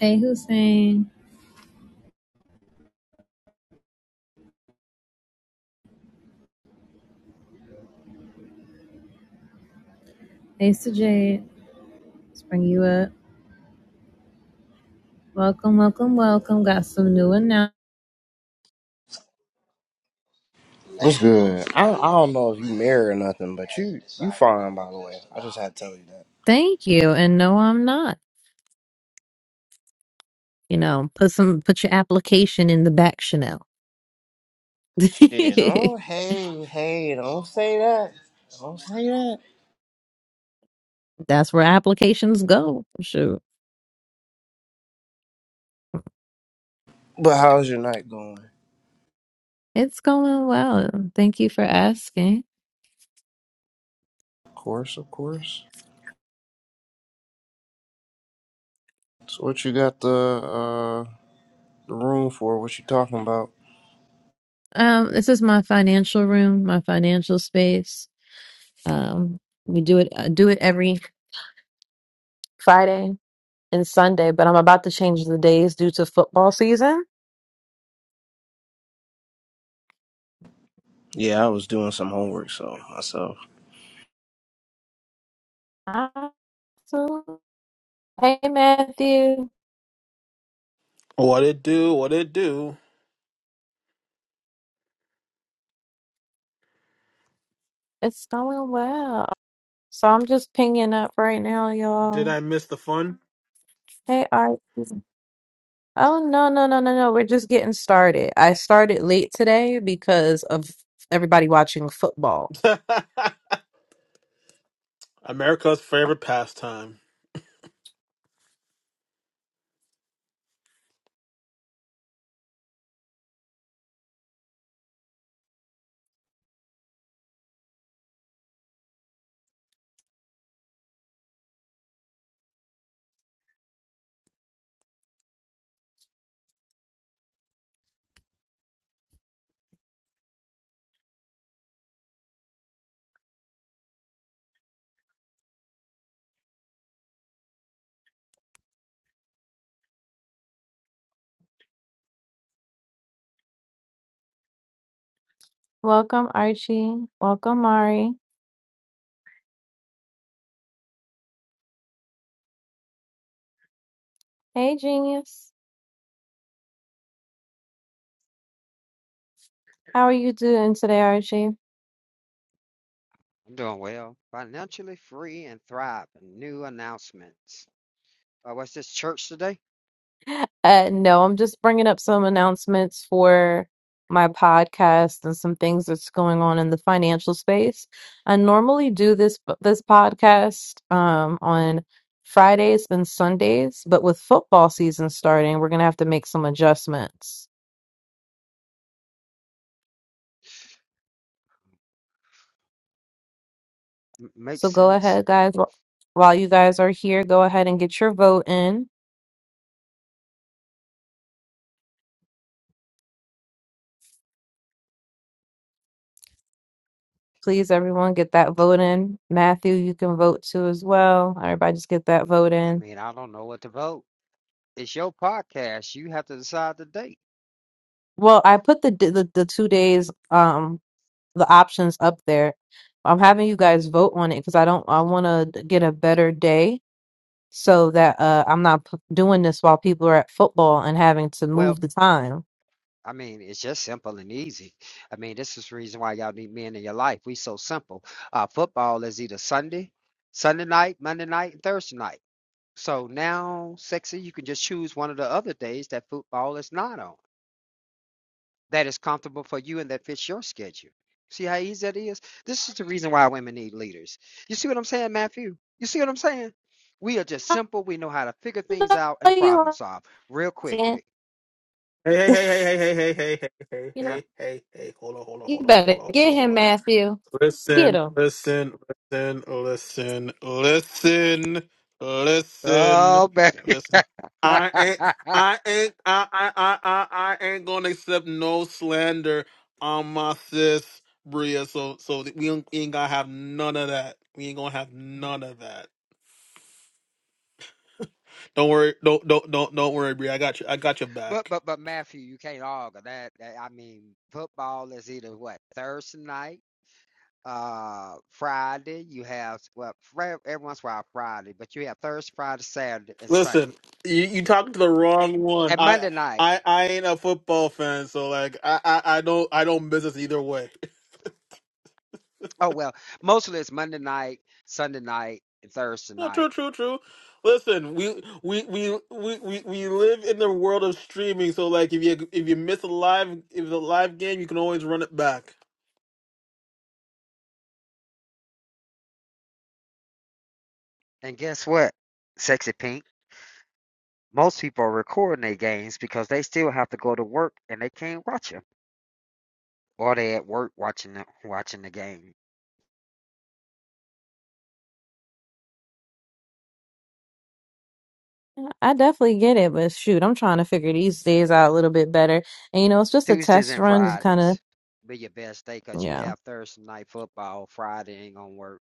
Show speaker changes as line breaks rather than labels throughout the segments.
Hey Hussein, hey Sajid, let's bring you up. Welcome, welcome, welcome. Got some new announcements.
What's good? I, I don't know if you married or nothing, but you you fine by the way. I just had to tell you that.
Thank you. And no, I'm not. You know, put some put your application in the back Chanel.
Shit,
That's
don't hey hey, don't say that. Don't say that.
where applications go. Shoot.
But how's your night going?
It's going well. Thank you for asking.
Of course, of course. So what you got the uh the room for? What you talking about?
Um, this is my financial room, my financial space. Um, we do it I do it every Friday and Sunday, but I'm about to change the days due to football season.
Yeah, I was doing some homework so myself.
Absolutely. Hey, Matthew.
What it do? What it do?
It's going well. So I'm just pinging up right now,
Did
y'all.
I miss the fun?
Hey, Art. Oh, no, no, no, no, no. We're just getting started. I started late today because of everybody watching football.
America's favorite pastime.
Welcome, Archie. Welcome, Mari. Hey, genius. How are you doing today, Archie?
I'm doing well, financially free and thriving. New announcements. Oh, what's this church today?
Uh, no, I'm just bringing up some announcements for my podcast and some things that's going on in the financial space. I normally do this this podcast um, on Fridays and Sundays, but with football season starting, we're gonna have to make some adjustments.
M- makes
So go
sense.
ahead, guys. Wh- While you guys are here, go ahead and get your vote in. Please, everyone, get that vote in. Matthew, you can vote too as well. Everybody, just get that vote
I
in
mean, I don't know what to vote. It's your podcast. You have to decide the date.
Well, I put the d- the, the two days um the options up there. I'm having you guys vote on it because I don't I want to get a better day so that uh I'm not p- doing this while people are at football and having to
Well,
move the time.
I mean, it's just simple and easy. I mean, this is the reason why y'all need men in your life. We so simple. Uh, football is either Sunday, Sunday night, Monday night, and Thursday night. So now, sexy, you can just choose one of the other days that football is not on. that is comfortable for you and that fits your schedule. See how easy that is? This is the reason why women need leaders. You see what I'm saying, Matthew? You see what I'm saying? We are just
I
simple. We know how to figure things out
know
and problem
you
solve real
understand.
quickly.
Hey, hey, hey, hey, hey, hey, hey, hey, hey,
You know,
hey, hey, hey. Hold on, hold on,
you
hold on,
better
hold on, hold
get
on, hold
him,
on.
Matthew. Get
Listen,
him.
listen, listen, listen, listen, listen,
Oh, baby.
listen.
but
I ain't, I ain't, I, I, I, I, I ain't gonna accept no slander on my sis Bria. So, so we ain't we ain't gonna have none of that. We ain't gonna have none of that. Don't worry. Don't don't don't don't worry, Bree. I got you. I got your back.
but but Matthew, you can't argue that, that. I mean, football is either what Thursday night, uh, Friday. You have well, Fri- every once in a while Friday, but you have Thursday, Friday, Saturday, and
Listen,
Sunday,
you you talking to the wrong one.
and
I
Monday night.
I I ain't a football fan, so like I I, I don't I don't miss us either way.
Oh well, mostly it's Monday night, Sunday night, and Thursday
No, true,
night.
true, true. Listen, we we, we we we we live in the world of streaming, so like if you if you miss a live if it's a live game, you can always run it back.
And guess what, Sexy Pink? Most people are recording their games because they still have to go to work and they can't watch them, or they at work watching the, watching the game.
I definitely get it, but shoot, I'm trying to figure these days out a little bit better. And you know, it's just a
Tuesdays
test
and
run, just kind of
Fridays be your best day because you
yeah.
have Thursday night football. Friday ain't gonna work.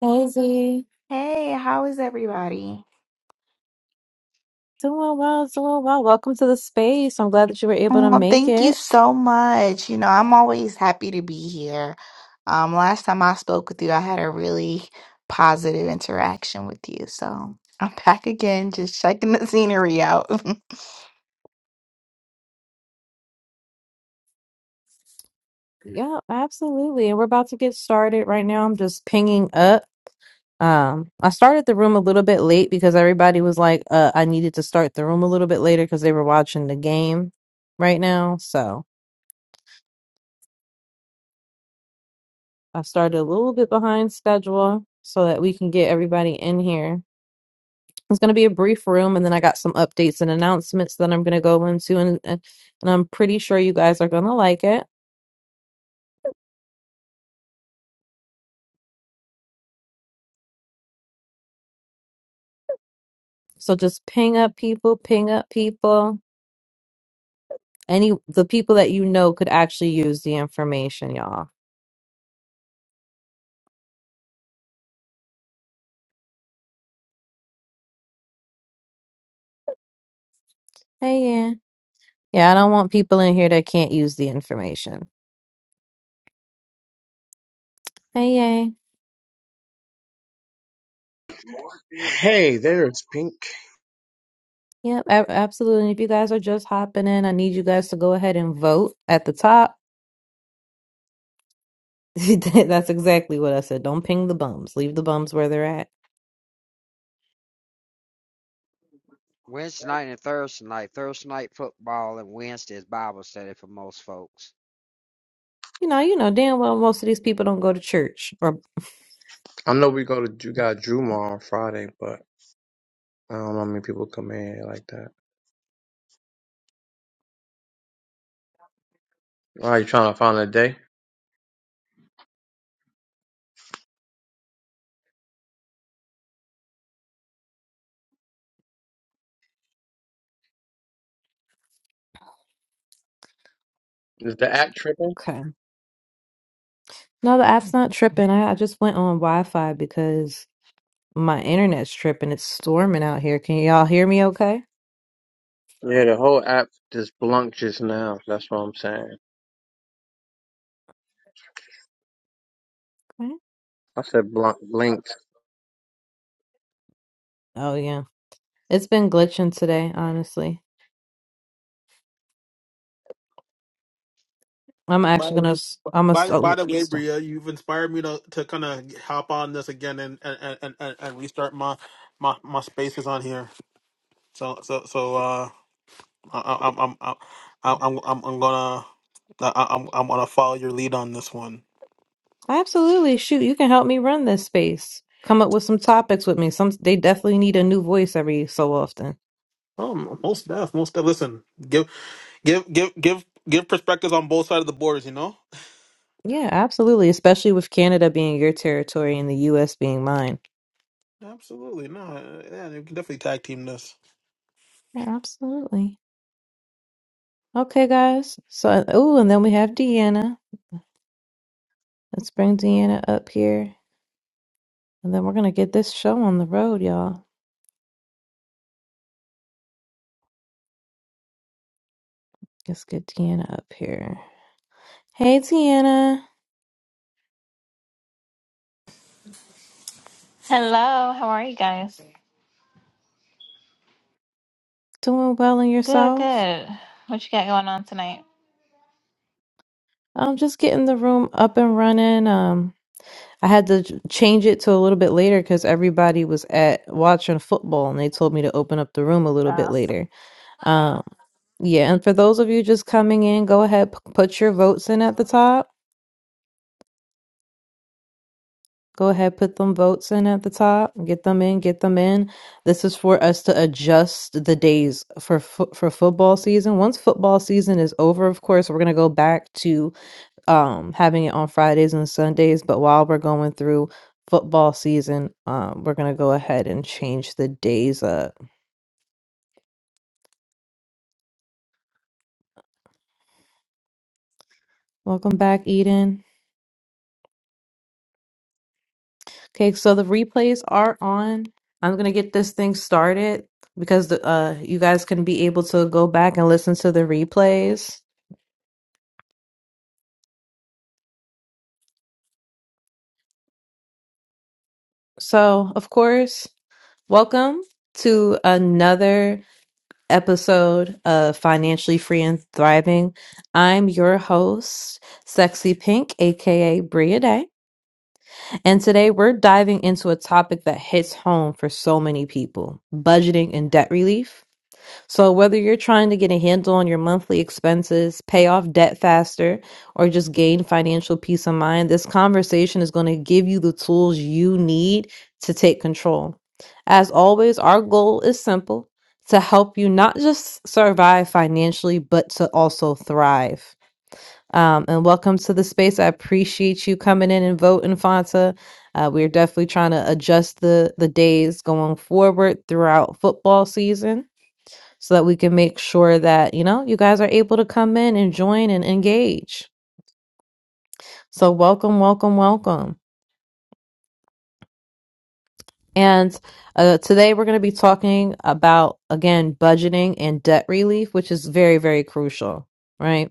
Crazy.
Hey, how is everybody?
Doing well, doing well. Welcome to the space. I'm glad that you were able to
Oh,
make
thank you
it.
so much. You know, I'm always happy to be here. Um, last time I spoke with you, I had a really positive interaction with you. So I'm back again, just checking the scenery out.
Yeah, absolutely. And we're about to get started right now. I'm just pinging up. Um, I started the room a little bit late because everybody was like, uh, I needed to start the room a little bit later because they were watching the game right now. So I started a little bit behind schedule so that we can get everybody in here. It's going to be a brief room, and then I got some updates and announcements that I'm going to go into, and and and I'm pretty sure you guys are going to like it. So just ping up people, ping up people. Any the people that you know could actually use the information, y'all. Hey, yeah. Yeah, I don't want people in here that can't use the information. Hey, yeah.
Hey, there's Pink.
Yep, a- absolutely. And if you guys are just hopping in, I need you guys to go ahead and vote at the top. That's exactly what I said. Don't ping the bums. Leave the bums where they're at.
Wednesday night and Thursday night, Thursday night football and Wednesday is Bible study for most folks.
You know, you know damn well most of these people don't go to church or
I know we go to you got Juma on Friday, but I don't know how many people come in here like that. Why are you trying to find a day? Is the app tripping?
Okay. No, the app's not tripping. I, I just went on Wi-Fi because my internet's tripping. It's storming out here. Can y'all hear me okay?
Yeah, the whole app just blunked just now. That's what I'm saying.
Okay.
I said blunk blinked.
Oh yeah. It's been glitching today, honestly. I'm
By
actually
the
gonna. s-
way-
I'm gonna
by
st- oh,
by the way,
stop.
Bria, you've inspired me to to kind of hop on this again and and and and, and restart my my my spaces on here. So so so uh, I, I'm I'm I'm I'm I'm I'm gonna I, I'm I'm gonna follow your lead on this one.
Absolutely, shoot! You can help me run this space. Come up with some topics with me. Some they definitely need a new voice every so often.
Um, most deaf, most deaf. Listen, give give give give give perspectives on both sides of the borders. You know,
Yeah, absolutely. Especially with Canada being your territory and the U.S. being mine.
absolutely. No, uh, yeah, you can definitely tag team this.
Yeah, absolutely. Okay, guys. So, oh, and then we have Deanna. Let's bring Deanna up here. And then we're going to get this show on the road, y'all. Let's get Deanna up here. Hey, Deanna.
Hello, how are you guys?
Doing well and
Good,
yourself?
good. What you got going on tonight?
I'm just getting the room up and running. Um, I had to j- change it to a little bit later because everybody was at watching football and they told me to open up the room a little bit later. Um, yeah, and for those of you just coming in, go ahead, p- put your votes in at the top. Go ahead, put them votes in at the top. Get them in, get them in. This is for us to adjust the days for fo- for football season. Once football season is over, of course, we're gonna go back to um having it on Fridays and Sundays. But while we're going through football season, um, we're gonna go ahead and change the days up. Welcome back, Eden. Okay, so the replays are on. I'm gonna get this thing started because the uh you guys can be able to go back and listen to the replays. So, of course, welcome to another episode of Financially Free and Thriving. I'm your host, Sexy Pink, aka Bria Day. And today we're diving into a topic that hits home for so many people budgeting and debt relief. So, whether you're trying to get a handle on your monthly expenses, pay off debt faster, or just gain financial peace of mind, this conversation is going to give you the tools you need to take control. As always, our goal is simple to help you not just survive financially, but to also thrive. Um, and welcome to the space. I appreciate you coming in and voting, Fanta. Uh, we're definitely trying to adjust the, the days going forward throughout football season so that we can make sure that, you know, you guys are able to come in and join and engage. So, welcome, welcome, welcome. And uh, today we're going to be talking about, again, budgeting and debt relief, which is very, very crucial, right?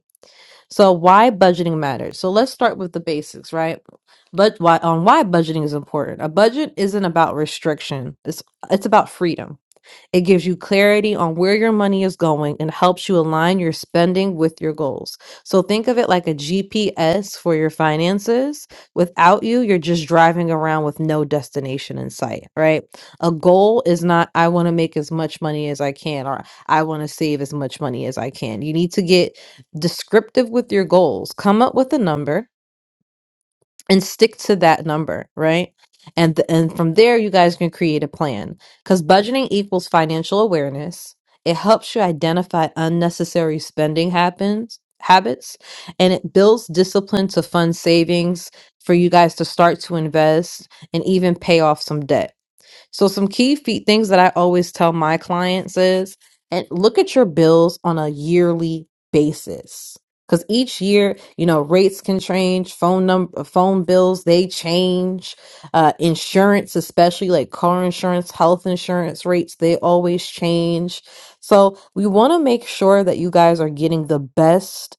So, why budgeting matters. So, let's start with the basics, right? But why on why budgeting is important. A budget isn't about restriction. It's it's about freedom It gives you clarity on where your money is going and helps you align your spending with your goals. So think of it like a GPS for your finances. Without you, you're just driving around with no destination in sight, right? A goal is not, I want to make as much money as I can, or I want to save as much money as I can. You need to get descriptive with your goals. Come up with a number and stick to that number, right? And th- and from there, you guys can create a plan because budgeting equals financial awareness. It helps you identify unnecessary spending happens habits, and it builds discipline to fund savings for you guys to start to invest and even pay off some debt. So some key feet things that I always tell my clients is and look at your bills on a yearly basis. Cuz each year, you know, rates can change, phone number phone bills, they change, uh insurance especially like car insurance, health insurance rates, they always change. So, we want to make sure that you guys are getting the best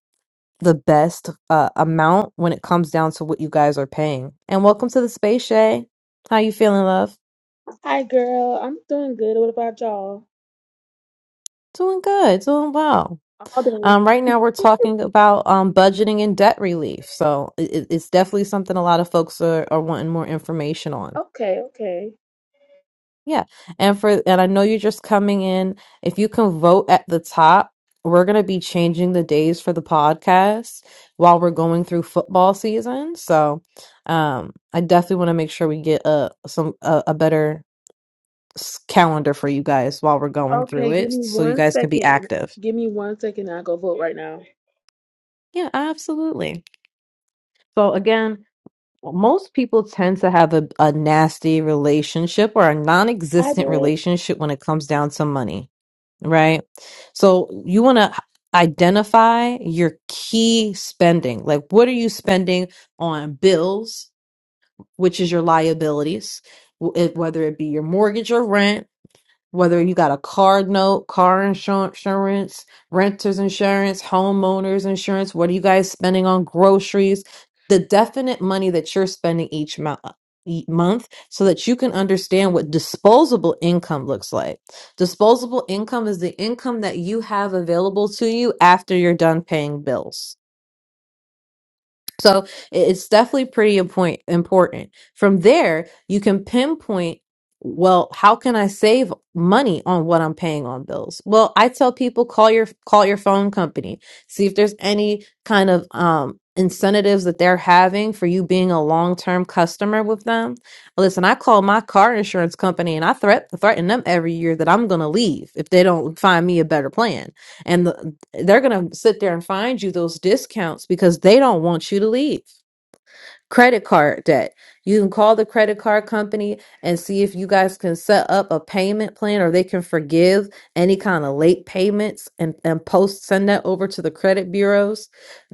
the best uh, amount when it comes down to what you guys are paying. And welcome to the space, Shay. How you feeling, love?
Hi, girl. I'm doing good. What about y'all?
Doing good, doing well.
All day.
Um, right now, we're talking about um, budgeting and debt relief. So it, it- it's definitely something a lot of folks are, are wanting more information on.
Okay, okay.
Yeah, and for and I know you're just coming in. If you can vote at the top, we're gonna be changing the days for the podcast while we're going through football season. So um, I definitely want to make sure we get a some a, a better s- calendar for you guys while we're going through
Okay, give
it,
me
so you
one
guys can be
second.
active.
Give me one second. I'll go vote right now.
Yeah, absolutely. So again, most people tend to have a, a nasty relationship or a
I
non-existent
did.
relationship when it comes down to money, right? So you want to identify your key spending. Like what are you spending on bills, which is your liabilities, wh- it- whether it be your mortgage or rent, whether you got a car note, car insu- insurance, renter's insurance, homeowners insurance, what are you guys spending on groceries? The definite money that you're spending each month. Month so that you can understand what disposable income looks like. Disposable income is the income that you have available to you after you're done paying bills. So i- it's definitely pretty important. Important. From there, you can pinpoint. Well, how can I save money on what I'm paying on bills? Well, I tell people call your call your phone company, see if there's any kind of um, incentives that they're having for you being a long term customer with them. Listen, I call my car insurance company and I threat threaten them every year that I'm going to leave if they don't find me a better plan. And the, they're going to sit there and find you those discounts because they don't want you to leave credit card debt. You can call the credit card company and see if you guys can set up a payment plan or they can forgive any kind of late payments and, and post send that over to the credit bureaus.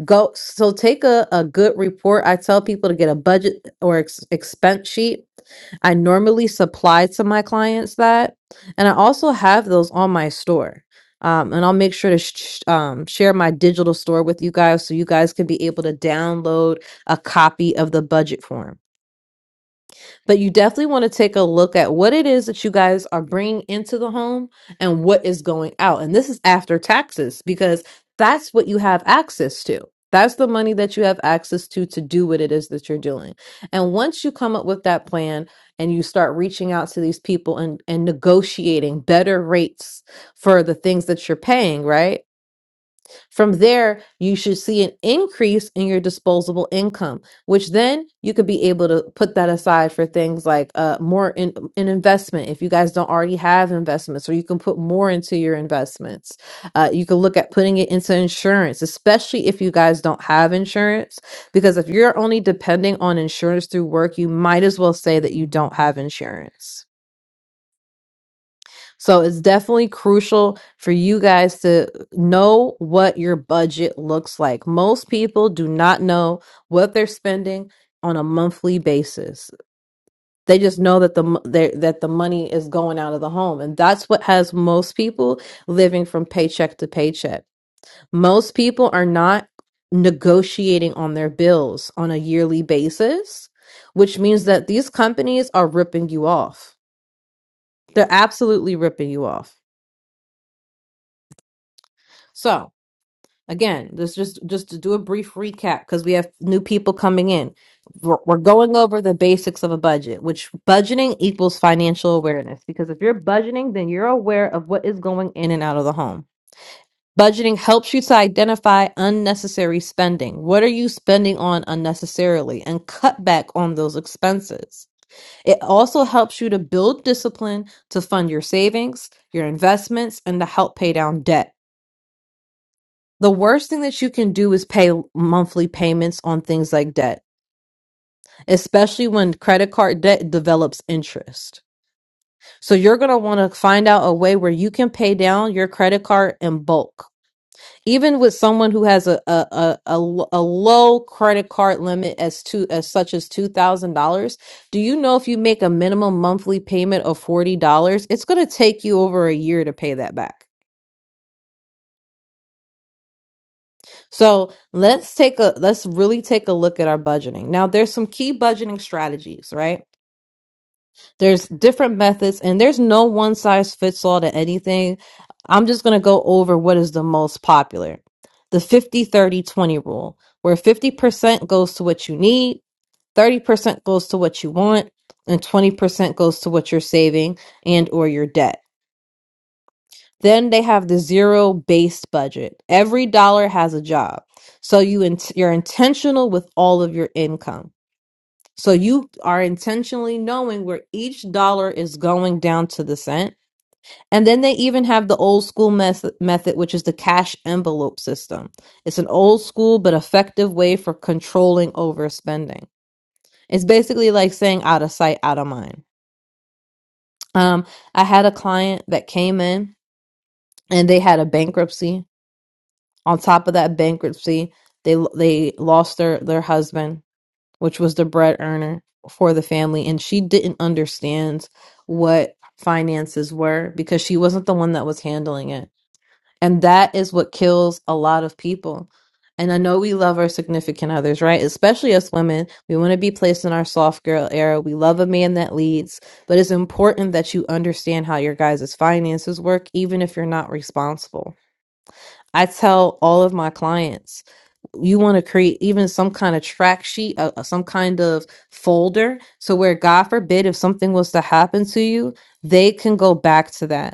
Go so take a, a good report. I tell people to get a budget or ex- expense sheet. I normally supply to my clients that, and I also have those on my store. Um, and I'll make sure to sh- sh- um, share my digital store with you guys so you guys can be able to download a copy of the budget form. But you definitely want to take a look at what it is that you guys are bringing into the home and what is going out. And this is after taxes because that's what you have access to. That's the money that you have access to to do what it is that you're doing. And once you come up with that plan and you start reaching out to these people and, and negotiating better rates for the things that you're paying, right? From there, you should see an increase in your disposable income, which then you could be able to put that aside for things like uh, more in, in investment if you guys don't already have investments, or you can put more into your investments. Uh, you can look at putting it into insurance, especially if you guys don't have insurance, because if you're only depending on insurance through work, you might as well say that you don't have insurance. So it's definitely crucial for you guys to know what your budget looks like. Most people do not know what they're spending on a monthly basis. They just know that the mo- they- that the money is going out of the home, and that's what has most people living from paycheck to paycheck. Most people are not negotiating on their bills on a yearly basis, which means that these companies are ripping you off. They're absolutely ripping you off. So, Again, this just just to do a brief recap because we have new people coming in. We're, we're going over the basics of a budget, which budgeting equals financial awareness. Because if you're budgeting, then you're aware of what is going in and out of the home. Budgeting helps you to identify unnecessary spending. What are you spending on unnecessarily and cut back on those expenses? It also helps you to build discipline to fund your savings, your investments, and to help pay down debt. The worst thing that you can do is pay monthly payments on things like debt, especially when credit card debt develops interest. So you're going to want to find out a way where you can pay down your credit card in bulk. Even with someone who has a a, a, a l- a low credit card limit as to as such as two thousand dollars, do you know if you make a minimum monthly payment of forty dollars, it's going to take you over a year to pay that back. So let's take a let's really take a look at our budgeting. Now there's some key budgeting strategies, right? There's different methods and there's no one size fits all to anything. I'm just going to go over what is the most popular. The 50 30 20 rule, where 50% goes to what you need, 30% goes to what you want, and 20% goes to what you're saving and or your debt. Then they have the zero based budget. Every dollar has a job. So you int- you're intentional with all of your income. So you are intentionally knowing where each dollar is going down to the cent. And then they even have the old school mes- method, which is the cash envelope system. It's an old school but effective way for controlling overspending. It's basically like saying out of sight, out of mind. Um, I had a client that came in and they had a bankruptcy On top of that bankruptcy, they they lost their their husband, which was the bread earner for the family, and she didn't understand what finances were because she wasn't the one that was handling it. And that is what kills a lot of people. And I know we love our significant others, right? Especially us women. We want to be placed in our soft girl era. We love a man that leads, but it's important that you understand how your guys' finances work, even if you're not responsible I tell all of my clients, you want to create even some kind of track sheet, uh, uh, some kind of folder. So, where God forbid, if something was to happen to you, they can go back to that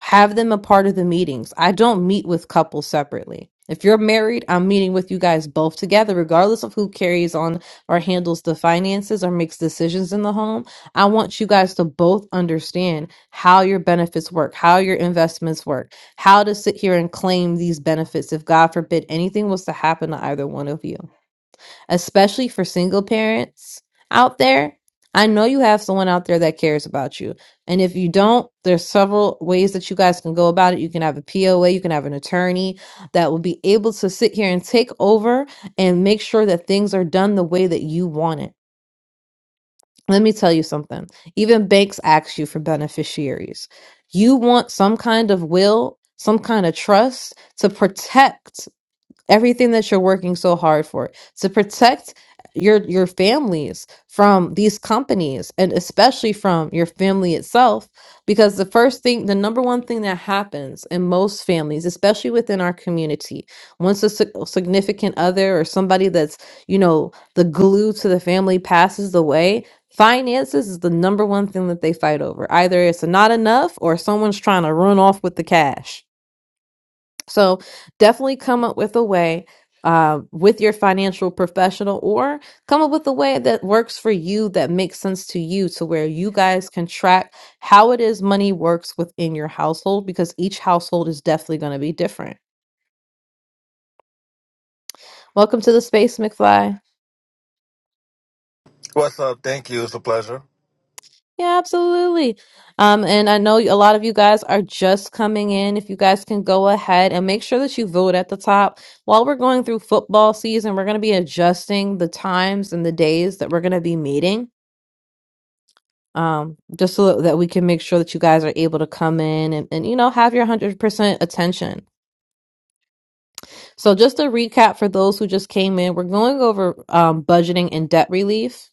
have them a part of the meetings. I don't meet with couples separately. If you're married, I'm meeting with you guys both together, regardless of who carries on or handles the finances or makes decisions in the home. I want you guys to both understand how your benefits work, how your investments work, how to sit here and claim these benefits if, God forbid, anything was to happen to either one of you especially for single parents out there. I know you have someone out there that cares about you. And if you don't, there's several ways that you guys can go about it. You can have a POA, you can have an attorney that will be able to sit here and take over and make sure that things are done the way that you want it. Let me tell you something. Even banks ask you for beneficiaries. You want some kind of will, some kind of trust to protect everything that you're working so hard for to protect your your families from these companies and especially from your family itself because the first thing the number one thing that happens in most families especially within our community once a sig- significant other or somebody that's you know the glue to the family passes away finances is the number one thing that they fight over either it's not enough or someone's trying to run off with the cash so definitely come up with a way uh, with your financial professional or come up with a way that works for you that makes sense to you to where you guys can track how it is money works within your household because each household is definitely going to be different. Welcome to the space, McFly.
What's up? Thank you. It's a pleasure.
Yeah, absolutely. Um, and I know a lot of you guys are just coming in. If you guys can go ahead and make sure that you vote at the top. While we're going through football season, we're going to be adjusting the times and the days that we're going to be meeting. Um, just so that we can make sure that you guys are able to come in and, and you know, have your 100% attention. So, just a recap for those who just came in, we're going over um, budgeting and debt relief.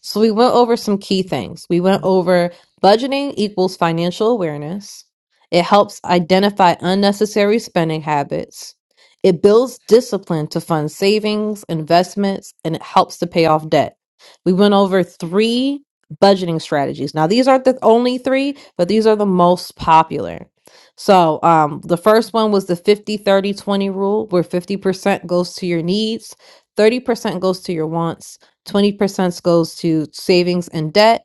So, we went over some key things. We went over budgeting equals financial awareness, it helps identify unnecessary spending habits, it builds discipline to fund savings, investments, and it helps to pay off debt. We went over three budgeting strategies. Now, these aren't the only three, but these are the most popular. So um, the first one was the 50 30 20 rule, where 50% goes to your needs, 30% goes to your wants, 20% goes to savings and debt.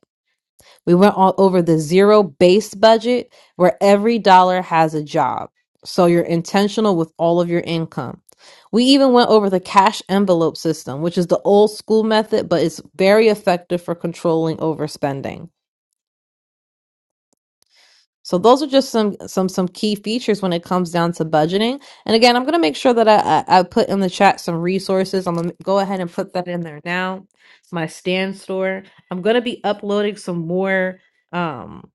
We went all over the zero base budget, where every dollar has a job. So you're intentional with all of your income. We even went over the cash envelope system, which is the old school method, but it's very effective for controlling overspending. So those are just some some some key features when it comes down to budgeting. And again, I'm going to make sure that I, I I put in the chat some resources. I'm going to go ahead and put that in there now. My stand store. I'm going to be uploading some more um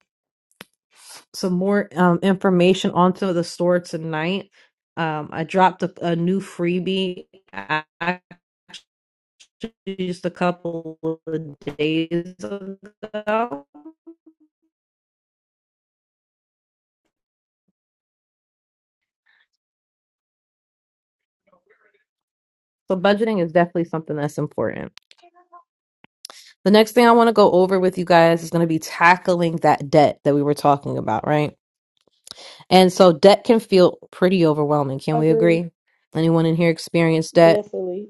some more um information onto the store tonight. Um I dropped a, a new freebie a- actually just a couple of days ago. So budgeting is definitely something that's important. The next thing I want to go over with you guys is going to be tackling that debt that we were talking about, right? And so debt can feel pretty overwhelming. Can we
Agreed.
agree? Anyone in here experienced debt?
Definitely.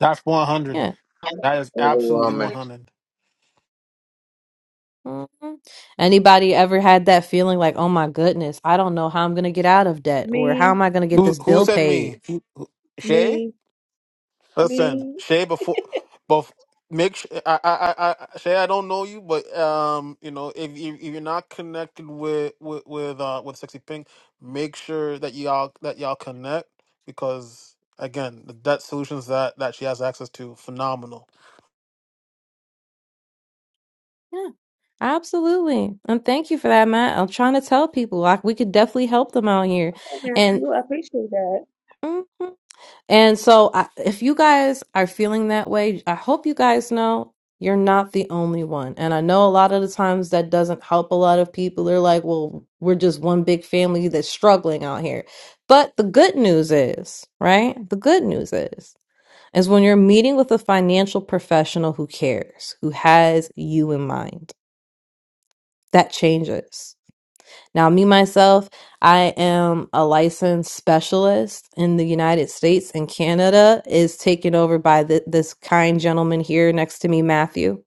That's one hundred.
Yeah.
That is absolutely one
Overwhelming.
hundred.
Mhm. Anybody ever had that feeling like, oh my goodness, I don't know how I'm going to get out of debt or how
Me,
am I going to get
Who
this
who
bill
said
paid?
me? Who- Shay?
me,
Listen,
me.
Shay, before, before make sure I, I, I, I- Shay, I don't know you, but um, you know, if you if you're not connected with with with uh with Sexy Pink, make sure that y'all that y'all connect because again, the debt solutions that that she has access to, phenomenal.
Yeah, absolutely. And thank you for that, Matt. I'm trying to tell people like, we could definitely help them out here.
Hey,
And
Matthew, I appreciate that.
Mhm. And so, I, if you guys are feeling that way, I hope you guys know you're not the only one. And I know a lot of the times that doesn't help a lot of people. They're like, well, we're just one big family that's struggling out here. But the good news is, right? The good news is, is when you're meeting with a financial professional who cares, who has you in mind, that changes. Now, me myself, I am a licensed specialist in the United States and Canada is taken over by th- this kind gentleman here next to me, Matthew.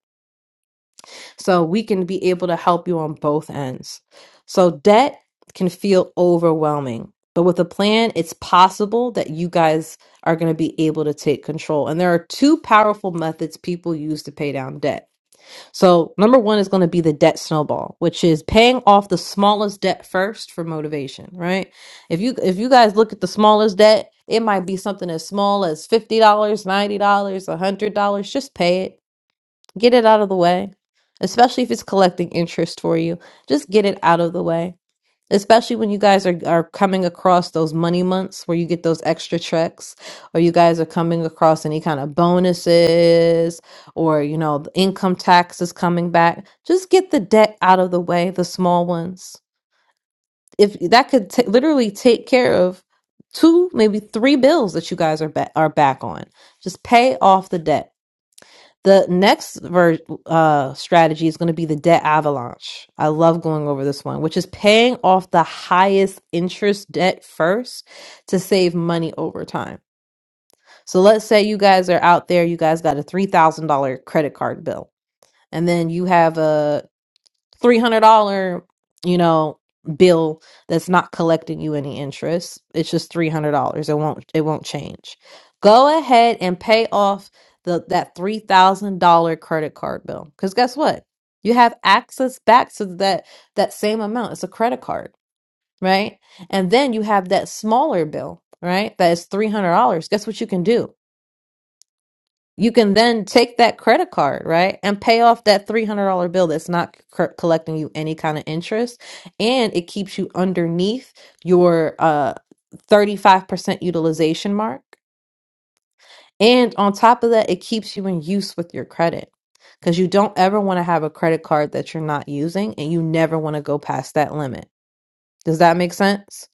So we can be able to help you on both ends. So debt can feel overwhelming, but with a plan, it's possible that you guys are going to be able to take control. And there are two powerful methods people use to pay down debt. So, number one is going to be the debt snowball, which is paying off the smallest debt first for motivation, right? If you if you guys look at the smallest debt, it might be something as small as $50, dollars, $90, dollars, a $100. Just pay it. Get it out of the way. Especially if it's collecting interest for you. Just get it out of the way especially when you guys are, are coming across those money months where you get those extra checks or you guys are coming across any kind of bonuses or you know the income tax is coming back just get the debt out of the way the small ones if that could ta literally take care of two maybe three bills that you guys are ba- are back on just pay off the debt the next ver- uh, strategy is going to be the debt avalanche. I love going over this one, which is paying off the highest interest debt first to save money over time. So let's say you guys are out there, you guys got a $3,000 credit card bill, and then you have a $300, you know, bill that's not collecting you any interest. It's just $300. It won't it won't change. Go ahead and pay off the that $3,000 credit card bill cuz guess what? You have access back to that that same amount. It's a credit card, right? And then you have that smaller bill, right? That is $300. Guess what you can do? You can then take that credit card, right, and pay off that $300 bill that's not c- collecting you any kind of interest. And it keeps you underneath your uh, 35% utilization mark. And on top of that, it keeps you in use with your credit because you don't ever want to have a credit card that you're not using and you never want to go past that limit. Does that make sense?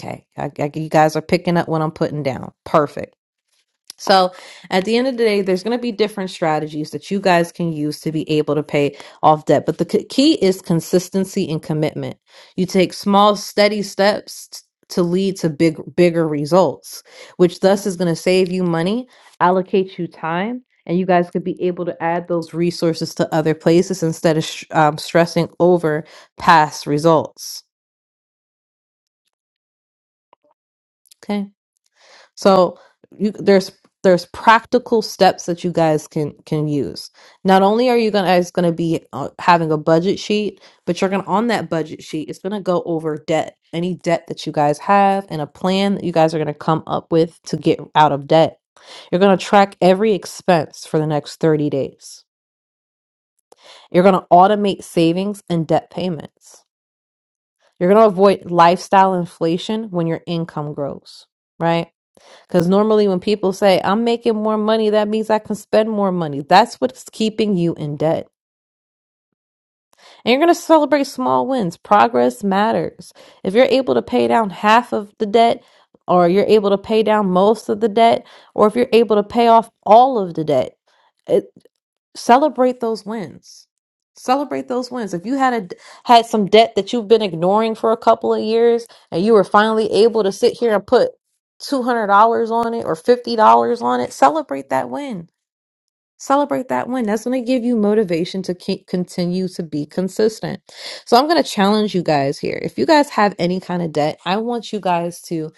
Okay. I, I, you guys are picking up what I'm putting down. Perfect. So at the end of the day, there's going to be different strategies that you guys can use to be able to pay off debt. But the c- key is consistency and commitment. You take small, steady steps t- to lead to big, bigger results, which thus is going to save you money, allocate you time, and you guys could be able to add those resources to other places instead of sh- um, stressing over past results. Okay. So you, there's there's practical steps that you guys can can use. Not only are you gonna- guys going to be uh, having a budget sheet, but you're going to on that budget sheet, it's going to go over debt, any debt that you guys have, and a plan that you guys are going to come up with to get out of debt. You're going to track every expense for the next 30 days. You're going to automate savings and debt payments. You're going to avoid lifestyle inflation when your income grows, right? Because normally, when people say, I'm making more money, that means I can spend more money. That's what's keeping you in debt. And you're going to celebrate small wins. Progress matters. If you're able to pay down half of the debt, or you're able to pay down most of the debt, or if you're able to pay off all of the debt, celebrate those wins celebrate those wins if you had a had some debt that you've been ignoring for a couple of years and you were finally able to sit here and put $200 on it or $50 on it celebrate that win celebrate that win that's going to give you motivation to keep, continue to be consistent so i'm going to challenge you guys here if you guys have any kind of debt i want you guys to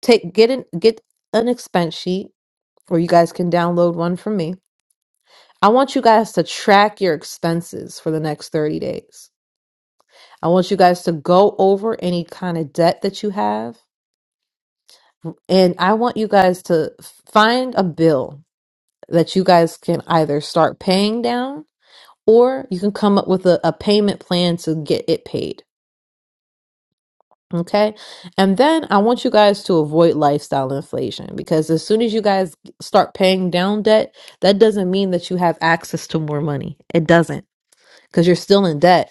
take get an get an expense sheet or you guys can download one from me I want you guys to track your expenses for the next 30 days. I want you guys to go over any kind of debt that you have. And I want you guys to find a bill that you guys can either start paying down or you can come up with a, a payment plan to get it paid. Okay. And then I want you guys to avoid lifestyle inflation because as soon as you guys start paying down debt, that doesn't mean that you have access to more money. It doesn't because you're still in debt.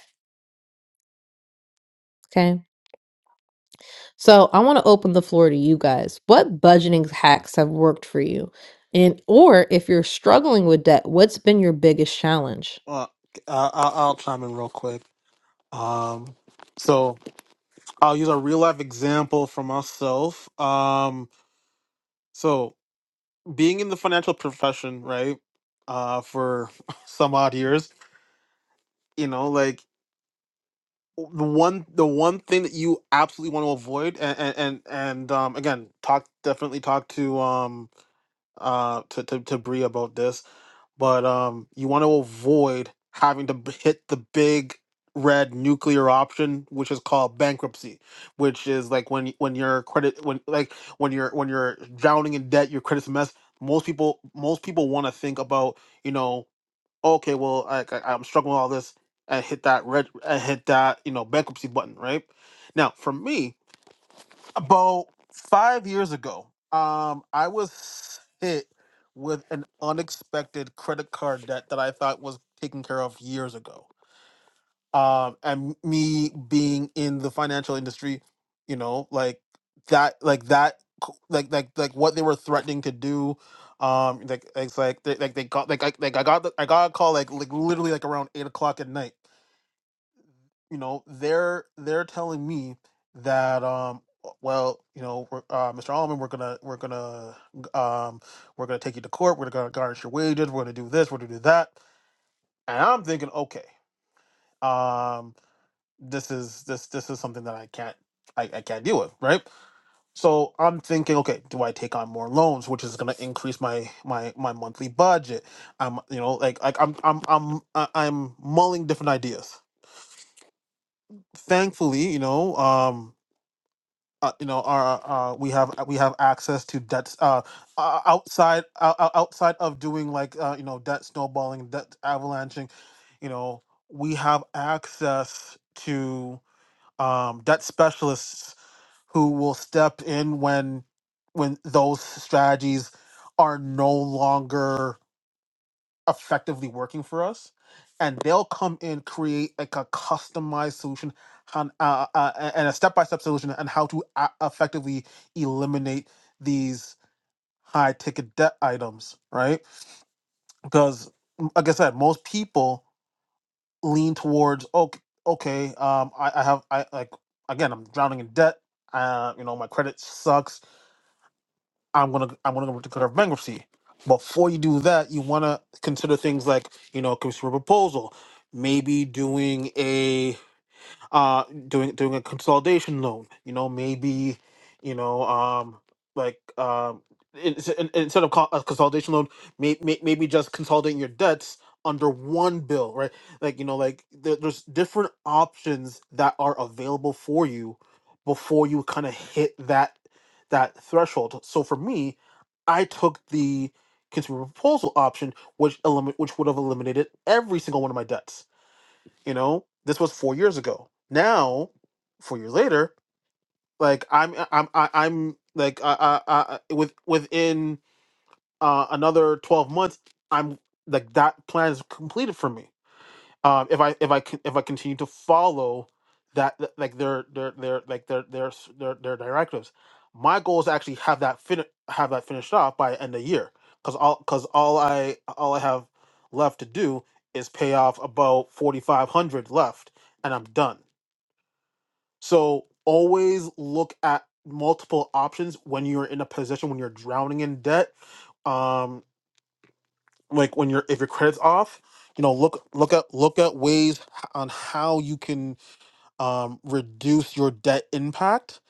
Okay. So I want to open the floor to you guys. What budgeting hacks have worked for you? And or if you're struggling with debt, what's been your biggest challenge?
Well, I, I, I'll chime in real quick. Um, so I'll use a real life example for myself. Um, so being in the financial profession, right? Uh, for some odd years you know like the one the one thing that you absolutely want to avoid and and and, and um again talk definitely talk to um uh to, to to Bree about this but um you want to avoid having to b- hit the big red nuclear option which is called bankruptcy which is like when y- when your credit when like when you're when you're drowning in debt your credit's a mess most people most people want to think about you know okay, well, I, I, I'm struggling with all this. I hit that red, I hit that, you know, bankruptcy button, right? Now, for me, about five years ago, um, I was hit with an unexpected credit card debt that I thought was taken care of years ago um and me being in the financial industry you know like that like that c- like like like what they were threatening to do um like it's like they, like they got like I, like I got the, I got a call like like literally like around eight o'clock at night you know they're they're telling me that um w- well you know we're, uh, Mr. Allman we're gonna we're gonna um we're gonna take you to court we're gonna garnish your wages we're gonna do this we're gonna do that and I'm thinking okay um this is this this is something that I can't I, I can't deal with, right? So I'm thinking, okay, do I take on more loans, which is gonna increase my my my monthly budget? I'm you know like like I'm I'm I'm I- I'm mulling different ideas. Thankfully, you know, um, uh, you know, our uh, we have we have access to debts uh o- outside o- o- outside of doing like uh you know debt snowballing, debt avalanching, you know, we have access to um debt specialists who will step in when when those strategies are no longer effectively working for us and they'll come in create like a customized solution on, uh, uh, a- and a step-by-step solution on how to a- effectively eliminate these high ticket debt items right because m- like i said most people lean towards okay okay um i, I have i like again i'm drowning in debt uh you know my credit sucks I'm gonna I'm gonna go to court bankruptcy. Before you do that, you wanna consider things like you know consumer proposal, maybe doing uh doing doing a consolidation loan you know maybe you know um like um ins- in- instead of co- a consolidation loan may, may, maybe just consolidating your debts under one bill right like you know like there, there's different options that are available for you before you kind of hit that that threshold so for me i took the consumer proposal option which eliminate which would have eliminated every single one of my debts you know, this was four years ago. Now, four years later, like I'm, uh, I'm, I- I'm like, I, I, I, with within uh, another twelve months, I'm like that plan is completed for me um, if I if I con- if I continue to follow that th- like their their their like their their s- their, their directives. My goal is to actually have that fin- have that finished off by end of year because all because all I all I have left to do is pay off about forty five hundred left and I'm done. So always look at multiple options when you're in a position when you're drowning in debt. Um, like when your if your credit's off you know look look at look at ways h- on how you can um, reduce your debt impact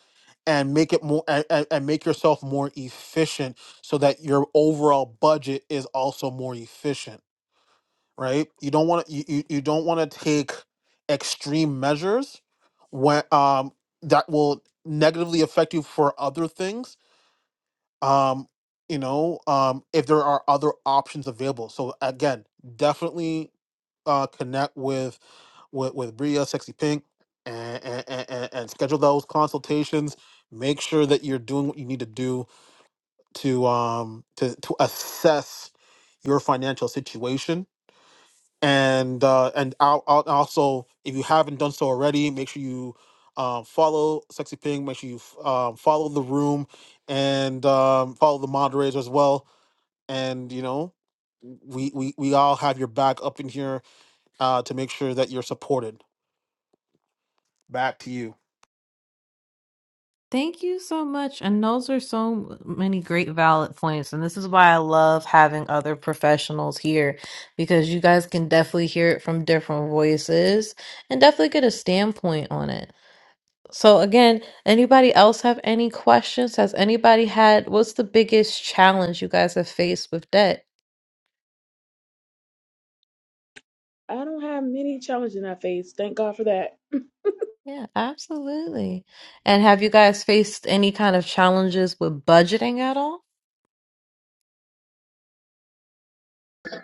and make it more and, and, and make yourself more efficient so that your overall budget is also more efficient right you don't want to you, you you don't want to take extreme measures when um that will negatively affect you for other things um you know um if there are other options available so again definitely uh, connect with with with Bria, Sexy Pink, and, and, and, and schedule those consultations. Make sure that you're doing what you need to do to um to to assess your financial situation. And uh, and I'll, I'll also, if you haven't done so already, make sure you um, follow Sexy Pink. Make sure you f- um, follow the room and um, follow the moderators as well. And you know, we we we all have your back up in here uh, to make sure that you're supported. Back to you.
Thank you so much. And those are so many great valid points. And this is why I love having other professionals here because you guys can definitely hear it from different voices and definitely get a standpoint on it. So again, anybody else have any questions? Has anybody had what's the biggest challenge you guys have faced with debt?
I don't have many challenges I face. Thank God for that.
Yeah, absolutely. And have you guys faced any kind of challenges with budgeting at all?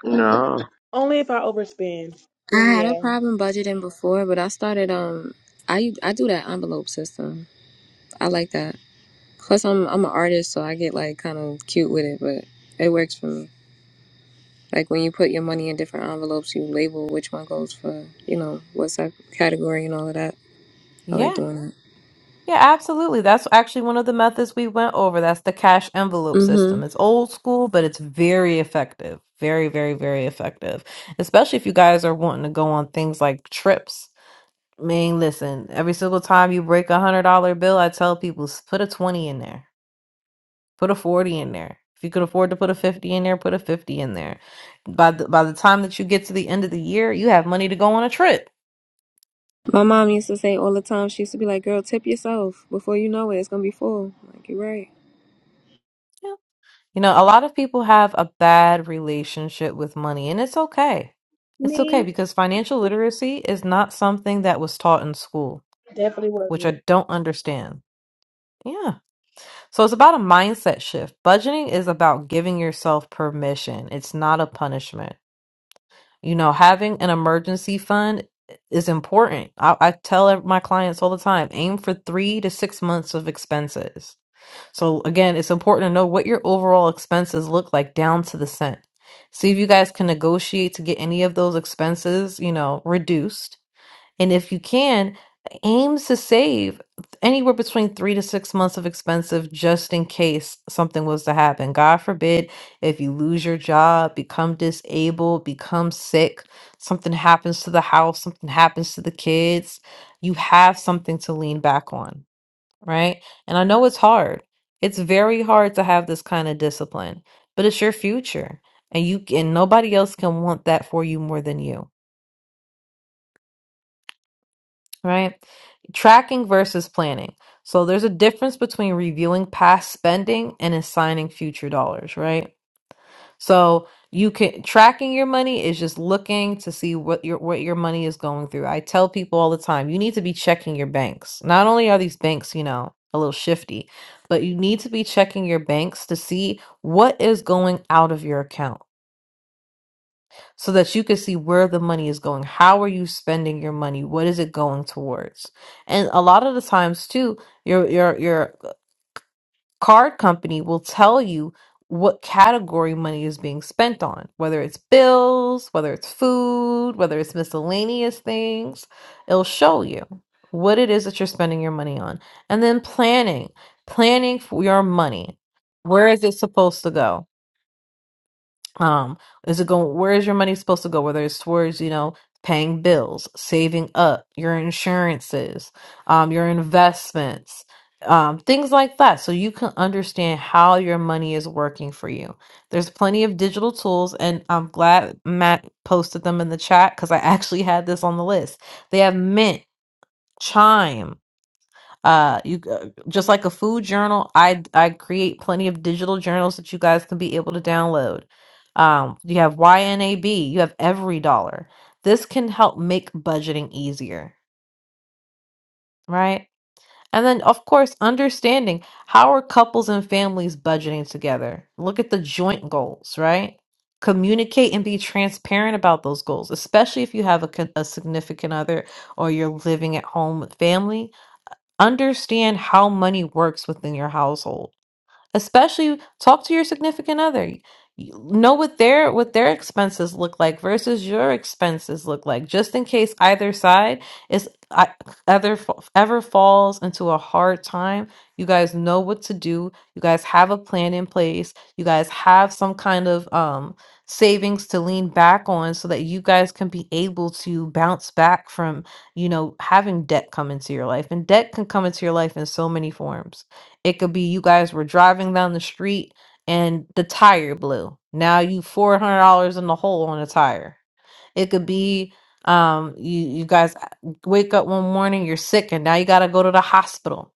No.
Only if I overspend.
I
Then
had a
yeah.
problem budgeting before, but I started um I I do that envelope system. I like that. Plus I'm I'm an artist, so I get like kind of cute with it, but it works for me. Like when you put your money in different envelopes, you label which one goes for, you know, what sub category and all of that. I like
Yeah,
doing that.
yeah, absolutely. That's actually one of the methods we went over. That's the cash envelope system.
Mhm.
It's old school, but it's very effective. Very, very, very effective. Especially if you guys are wanting to go on things like trips. I mean, listen, every single time you break a hundred dollar bill, I tell people "S- put a 20 in there. Put a 40 in there. If you could afford to put a 50 in there, put a 50 in there. By the, by the time that you get to the end of the year, you have money to go on a trip.
My mom used to say all the time, she used to be like, "Girl, tip yourself. Before you know it, it's going to be full." I'm like, "You're right."
Yeah. You know, a lot of people have a bad relationship with money, and it's okay. It's okay
Me,
because financial literacy is not something that was taught in school,
definitely
which
wasn't.
I don't understand. Yeah. So it's about a mindset shift. Budgeting is about giving yourself permission, it's not a punishment. You know, having an emergency fund is important. I, I tell ev- my clients all the time aim for three to six months of expenses. So, again, it's important to know what your overall expenses look like down to the cent. See if you guys can negotiate to get any of those expenses, you know, reduced and if you can, aims to save anywhere between three to six months of expensive just in case something was to happen. God forbid if you lose your job, become disabled, become sick, something happens to the house, something happens to the kids, you have something to lean back on, right? And I know it's hard. It's very hard to have this kind of discipline, but it's your future. And you and nobody else can want that for you more than you. right? Tracking versus planning. So there's a difference between reviewing past spending and assigning future dollars, right? So you can tracking your money is just looking to see what your what your money is going through. I tell people all the time, you need to be checking your banks. Not only are these banks, you know, a little shifty, but you need to be checking your banks to see what is going out of your account so that you can see where the money is going. How are you spending your money? What is it going towards? And a lot of the times too, your your your card company will tell you what category money is being spent on, whether it's bills, whether it's food, whether it's miscellaneous things. It'll show you what it is that you're spending your money on. And then planning, planning for your money. Where is it supposed to go? Um, is it going, where is your money supposed to go? Whether it's towards, you know, paying bills, saving up, your insurances, um, your investments, um, things like that. So you can understand how your money is working for you. There's plenty of digital tools, and I'm glad Matt posted them in the chat because I actually had this on the list. They have Mint, Chime. Uh, you uh, just like a food journal. I I create plenty of digital journals that you guys can be able to download. Um, you have YNAB. You have every dollar. This can help make budgeting easier, right? And then, of course, understanding how are couples and families budgeting together. Look at the joint goals, right? Communicate and be transparent about those goals, especially if you have a, con- a significant other or you're living at home with family Understand how money works within your household especially talk to your significant other You know what their what their expenses look like versus your expenses look like just in case either side is I- either fa- ever falls into a hard time you guys know what to do you guys have a plan in place you guys have some kind of um savings to lean back on so that you guys can be able to bounce back from you know having debt come into your life and debt can come into your life in so many forms it could be you guys were driving down the street and the tire blew. Now you four hundred dollars in the hole on a tire. It could be um you you guys uh, wake up one morning you're sick and now you got to go to the hospital.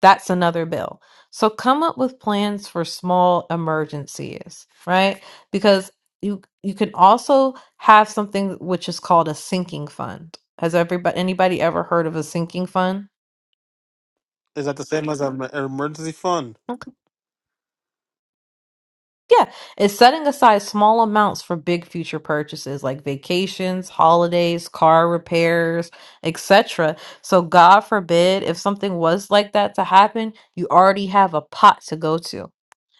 That's another bill. So come up with plans for small emergencies, right? Because you you can also have something which is called a sinking fund. Has everybody anybody ever heard of a sinking fund?
Is that the same as an emergency fund?
Yeah, it's setting aside small amounts for big future purchases like vacations, holidays, car repairs, etc. So God forbid if something was like that to happen, you already have a pot to go to.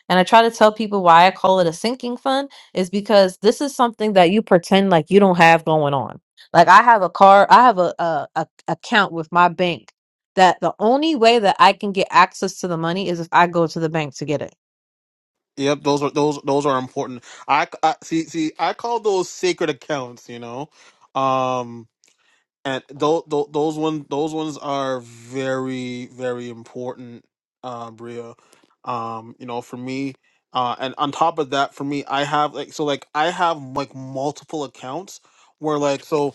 And I try to tell people why I call it a sinking fund is because this is something that you pretend like you don't have going on. Like I have a car, I have a, a, a account with my bank that the only way that I can get access to the money is if I go to the bank to get it.
Yep, those are those those are important. I, I see see I call those sacred accounts, you know, um, and those those one those ones are very very important, uh, Bria. Um, you know, for me, uh, and on top of that, for me, I have like so like I have like multiple accounts where like so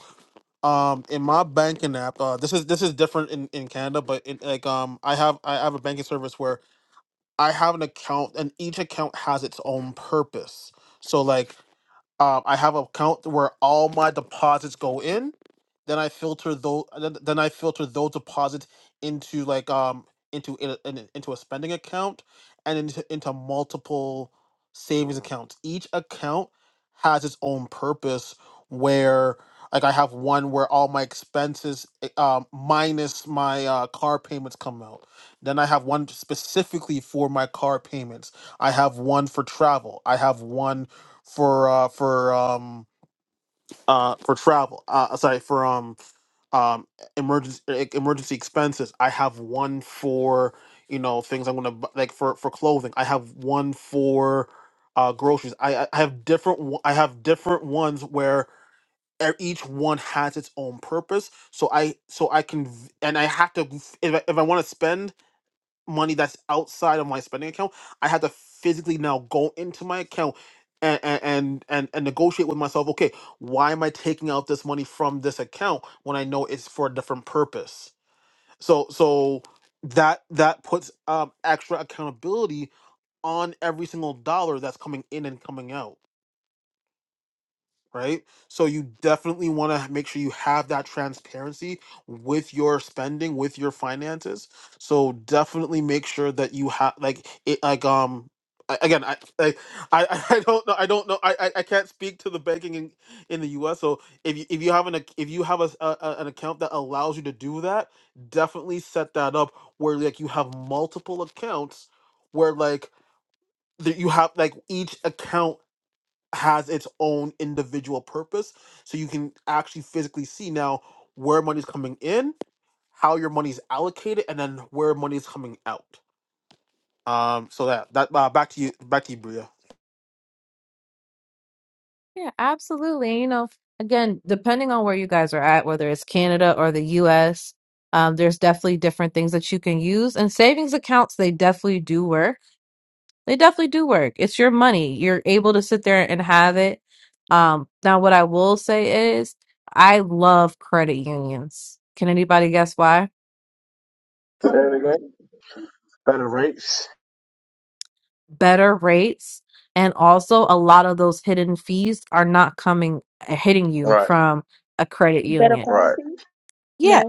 um in my banking app uh this is this is different in in canada but in like um i have i have a banking service where i have an account and each account has its own purpose so like um, I have an account where all my deposits go in. Then I filter those. Then then I filter those deposits into like um into in, a- in, a- into a spending account and into into multiple savings accounts. Each account has its own purpose. Where like I have one where all my expenses eh, um minus my uh, car payments come out. Then I have one specifically for my car payments. I have one for travel. I have one for uh for um uh for travel uh sorry for um um emergency emergency expenses i have one for you know things i'm gonna bu- like for for clothing i have one for uh groceries i i I have different one- i have different ones where e- each one has its own purpose so i so i can v- and i have to if i, if I want to spend money that's outside of my spending account, I have to physically now go into my account and and and and, and negotiate with myself. Okay, why am I taking out this money from this account when I know it's for a different purpose? So so that that puts um, extra accountability on every single dollar that's coming in and coming out right? So you definitely want to make sure you have that transparency with your spending, with your finances. So definitely make sure that you have like it like um a- again I, I i I don't know i don't know i i I can't speak to the banking in, in the us so if you if you have an ac- if you have a, s- a- a- an account that allows you to do that definitely set that up where like you have multiple accounts where like that you have like each account has its own individual purpose so you can actually physically see now where money's coming in how your money's allocated and then where money's coming out um so that that uh, back to you back to you bria
Yeah, absolutely. You know, again, depending on where you guys are at, whether it's Canada or the US, um, there's definitely different things that you can use. And savings accounts, they definitely do work. They definitely do work. It's your money. You're able to sit there and have it. Um, now, what I will say is, I love credit unions. Can anybody guess why?
Say it again. Better rates.
Better rates. And also, a lot of those hidden fees are not coming, hitting you
Right.
from a credit
Better
union.
Right.
quality?
Yeah,
No.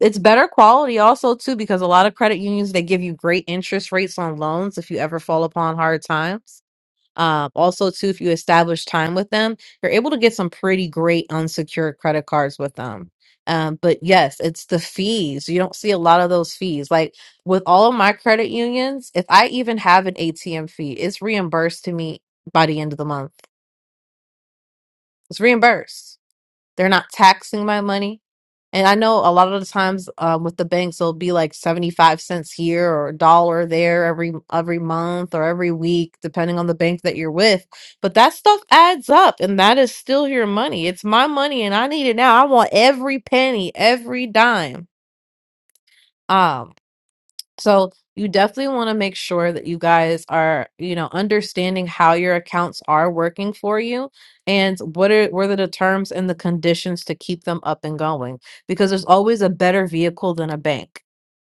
it's better quality also too because a lot of credit unions they give you great interest rates on loans if you ever fall upon hard times um, also too if you establish time with them you're able to get some pretty great unsecured credit cards with them um, but yes it's the fees you don't see a lot of those fees like with all of my credit unions if i even have an atm fee it's reimbursed to me by the end of the month it's reimbursed they're not taxing my money. And I know a lot of the times um, with the banks, it'll be like 75 cents here or a dollar there every every month or every week, depending on the bank that you're with. But that stuff adds up, and that is still your money. It's my money, and I need it now. I want every penny, every dime. Um, so you definitely want to make sure that you guys are, you know, understanding how your accounts are working for you and what are what are the terms and the conditions to keep them up and going because there's always a better vehicle than a bank.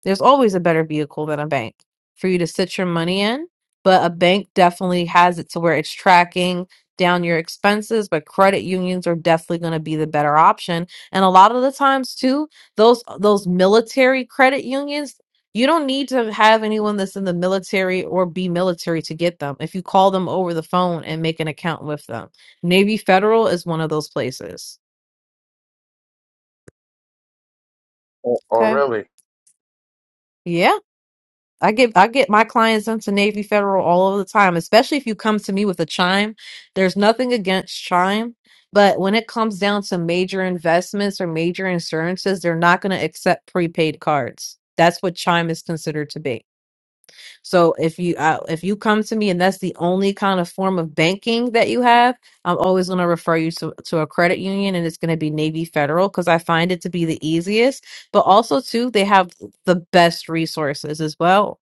There's always a better vehicle than a bank for you to sit your money in, but a bank definitely has it to where it's tracking down your expenses, but credit unions are definitely going to be the better option. And a lot of the times too, those those military credit unions, you don't need to have anyone that's in the military or be military to get them. If you call them over the phone and make an account with them. Navy Federal is one of those places.
Oh, oh,
Okay.
really?
Yeah. I get I get my clients into Navy Federal all of the time, especially if you come to me with a chime. There's nothing against chime, but when it comes down to major investments or major insurances, they're not going to accept prepaid cards. That's what chime is considered to be. So if you uh, if you come to me and that's the only kind of form of banking that you have, I'm always going to refer you to, to a credit union, and it's going to be Navy Federal because I find it to be the easiest. But also too, they have the best resources as well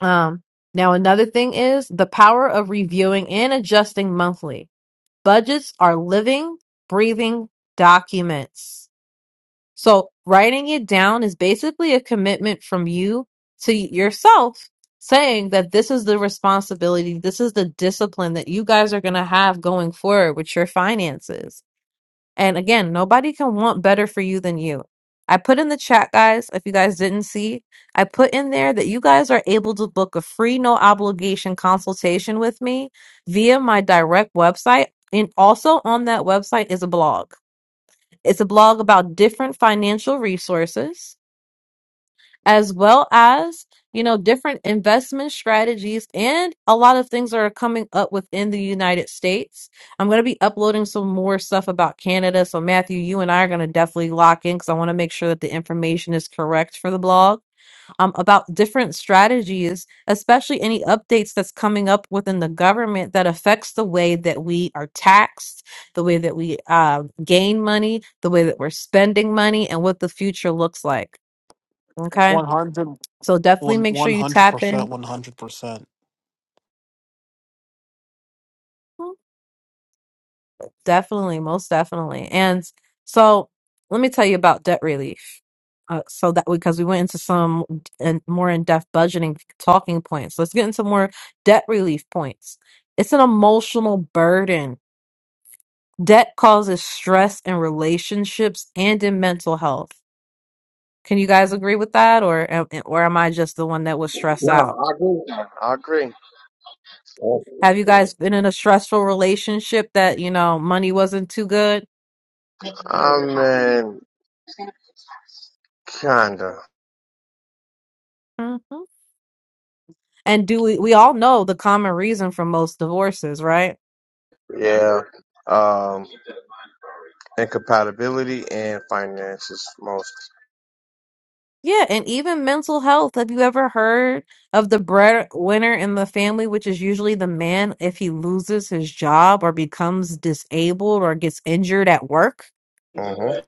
Um, now, another thing is the power of reviewing and adjusting monthly. Budgets are living, breathing documents. So, writing it down is basically a commitment from you to yourself saying that this is the responsibility, this is the discipline that you guys are going to have going forward with your finances. And again, nobody can want better for you than you. I put in the chat, guys, if you guys didn't see, I put in there that you guys are able to book a free, no obligation consultation with me via my direct website. And also on that website is a blog. It's a blog about different financial resources as well as you know different investment strategies and a lot of things that are coming up within the united states i'm going to be uploading some more stuff about canada so matthew you and i are going to definitely lock in because i want to make sure that the information is correct for the blog um, about different strategies especially any updates that's coming up within the government that affects the way that we are taxed the way that we uh, gain money the way that we're spending money and what the future looks like okay
100,
so definitely make sure you
100%
tap in.
100%
Definitely, most definitely. And so let me tell you about debt relief. Uh, so that because we went into some and more in-depth budgeting talking points. Let's get into more debt relief points. It's an emotional burden. Debt causes stress in relationships and in mental health. Can you guys agree with that or am- or am I just the one that was stressed
No,
out?
I agree. with that. I agree.
Have you
Oh,
guys been in a stressful relationship that, you know, money wasn't too good?
I mean, kinda.
And do we, we all know the common reason for most divorces, right?
Yeah. Um. Incompatibility and finances, most.
Yeah, and even mental health. Have you ever heard of the breadwinner in the family, which is usually the man if he loses his job or becomes disabled or gets injured at work?
hmm How do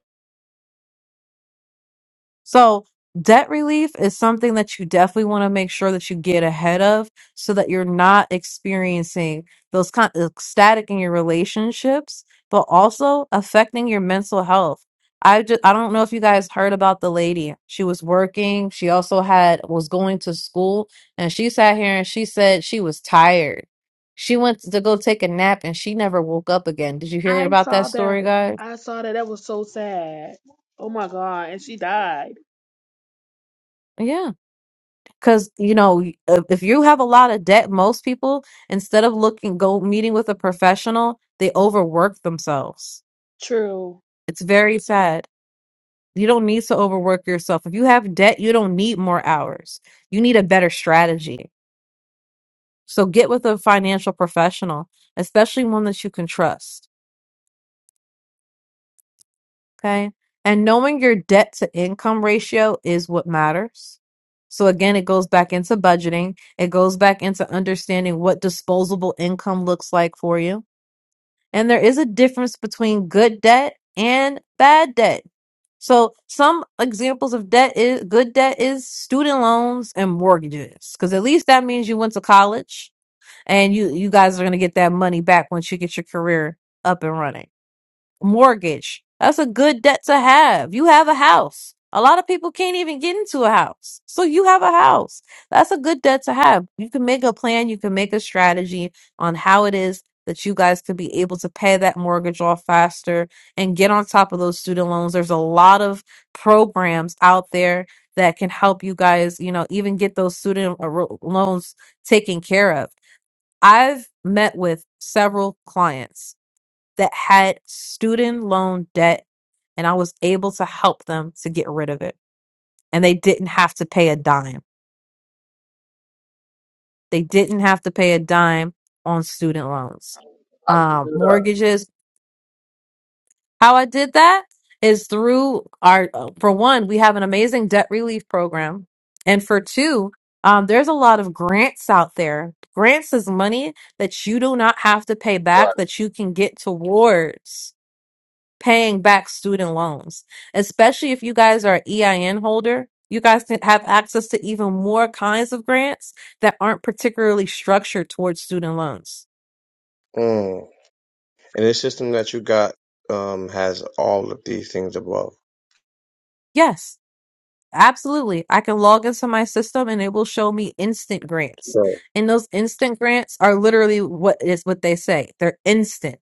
So, debt relief is something that you definitely want to make sure that you get ahead of so that you're not experiencing those kind of static in your relationships, but also affecting your mental health. I just I don't know if you guys heard about the lady. She was working, she also had was going to school, and she sat here and she said she was tired. She went to go take a nap and she never woke up again. Did you hear
I
about that
saw
story,
that.
guys?
I saw that. That was so sad. Oh my God. And she died.
Yeah. Because, you know, if if you have a lot of debt, most people, instead of looking, go meeting with a professional, they overwork themselves.
True.
It's very sad. You don't need to overwork yourself. If you have debt, you don't need more hours. You need a better strategy. So get with a financial professional, especially one that you can trust. Okay. And knowing your debt to income ratio is what matters. So again, it goes back into budgeting. It goes back into understanding what disposable income looks like for you. And there is a difference between good debt and bad debt. So some examples of debt is good debt is student loans and mortgages. Cause at least that means you went to college and you, you guys are going to get that money back once you get your career up and running mortgage. That's a good debt to have. You have a house. A lot of people can't even get into a house. So you have a house. That's a good debt to have. You can make a plan, you can make a strategy on how it is that you guys could be able to pay that mortgage off faster and get on top of those student loans. There's a lot of programs out there that can help you guys, you know, even get those student uh, ro- loans taken care of. I've met with several clients that had student loan debt, and I was able to help them to get rid of it. And they didn't have to pay a dime. They didn't have to pay a dime on student loans, um,
do that?
mortgages. How I did that is through our, uh, for one, we have an amazing debt relief program. And for two, um, there's a lot of grants out there. Grants is money that you do not have to pay
Right.
back that you can get towards. paying back student loans, especially if you guys are EIN holder. You guys can have access to even more kinds of grants that aren't particularly structured towards student loans.
Mm. And this system that you got um has all of these things above.
Yes, absolutely. I can log into my system and it will show me instant grants.
So
And those instant grants are literally what is what they say. They're instant.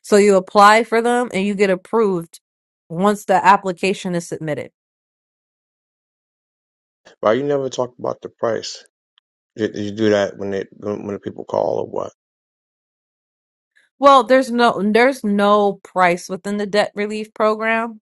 So you apply for them and you get approved once the application is submitted.
why you never talk about the price? Did did you do that when it when when the people call or what?
Well, there's no there's no price within the debt relief program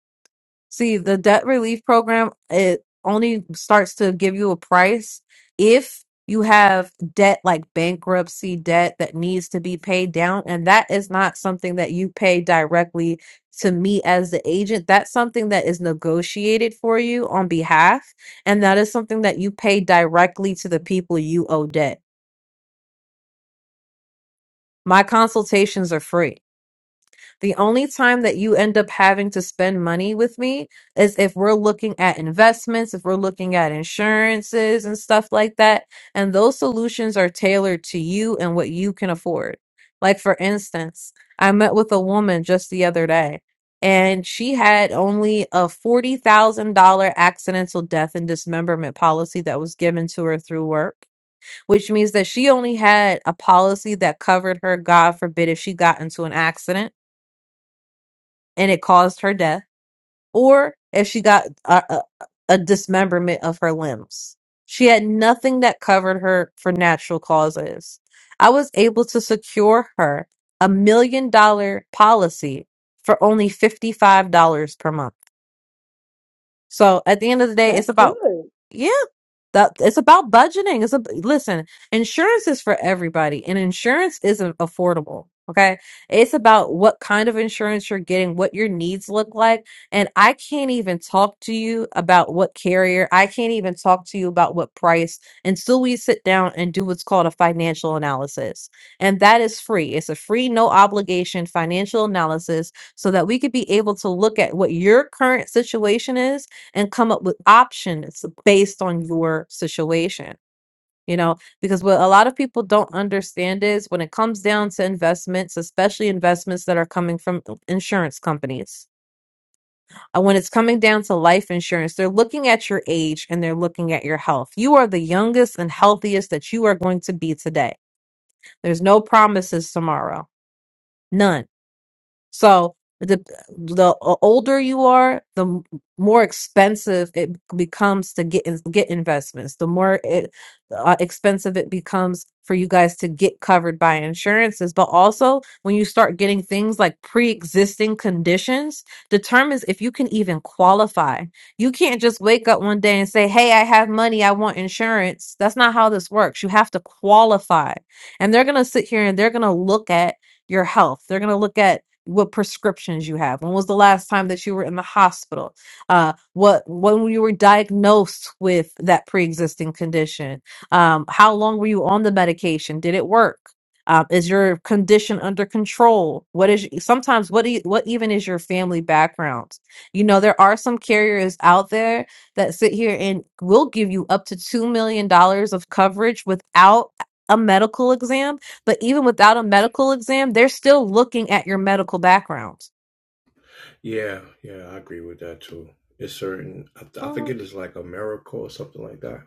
See, the debt relief program, it only starts to give you a price if you have debt like bankruptcy debt that needs to be paid down. And that is not something that you pay directly to me as the agent. That's something that is negotiated for you on behalf. And that is something that you pay directly to the people you owe debt. My consultations are free. The only time that you end up having to spend money with me is if we're looking at investments, if we're looking at insurances and stuff like that. And those solutions are tailored to you and what you can afford. Like, for instance, I met with a woman just the other day, and she had only a $40,000 accidental death and dismemberment policy that was given to her through work, which means that she only had a policy that covered her, God forbid, if she got into an accident and it caused her death, or if she got a, a, a dismemberment of her limbs. She had nothing that covered her for natural causes. I was able to secure her a million dollar policy for only $55 per month. So at the end of the day,
That's
it's about,
good.
yeah. That it's about budgeting. It's a listen, insurance is for everybody, and insurance isn't affordable. Okay. It's about what kind of insurance you're getting, what your needs look like. And I can't even talk to you about what carrier. I can't even talk to you about what price until we sit down and do what's called a financial analysis. And that is free. It's a free, no obligation financial analysis so that we could be able to look at what your current situation is and come up with options based on your situation. You know, because what a lot of people don't understand is when it comes down to investments, especially investments that are coming from insurance companies, uh, when it's coming down to life insurance, they're looking at your age and they're looking at your health. You are the youngest and healthiest that you are going to be today. There's no promises tomorrow, none So the the older you are, the m- more expensive it becomes to get in, get investments. The more it uh, expensive it becomes for you guys to get covered by insurances. But also, when you start getting things like pre-existing conditions, determines if you can even qualify. You can't just wake up one day and say, "Hey, I have money, I want insurance." That's not how this works. You have to qualify. And they're going to sit here and they're going to look at your health. They're going to look at what prescriptions you have when was the last time that you were in the hospital uh what when you were diagnosed with that pre-existing condition um how long were you on the medication did it work um, is your condition under control what is sometimes what e- what even is your family background you know there are some carriers out there that sit here and will give you up to $2 million dollars of coverage without a medical exam but even without a medical exam, they're still looking at your medical background.
Yeah, yeah, I agree with that too. It's certain. I, th- I
Mhm.
forget it's like a miracle or something like that.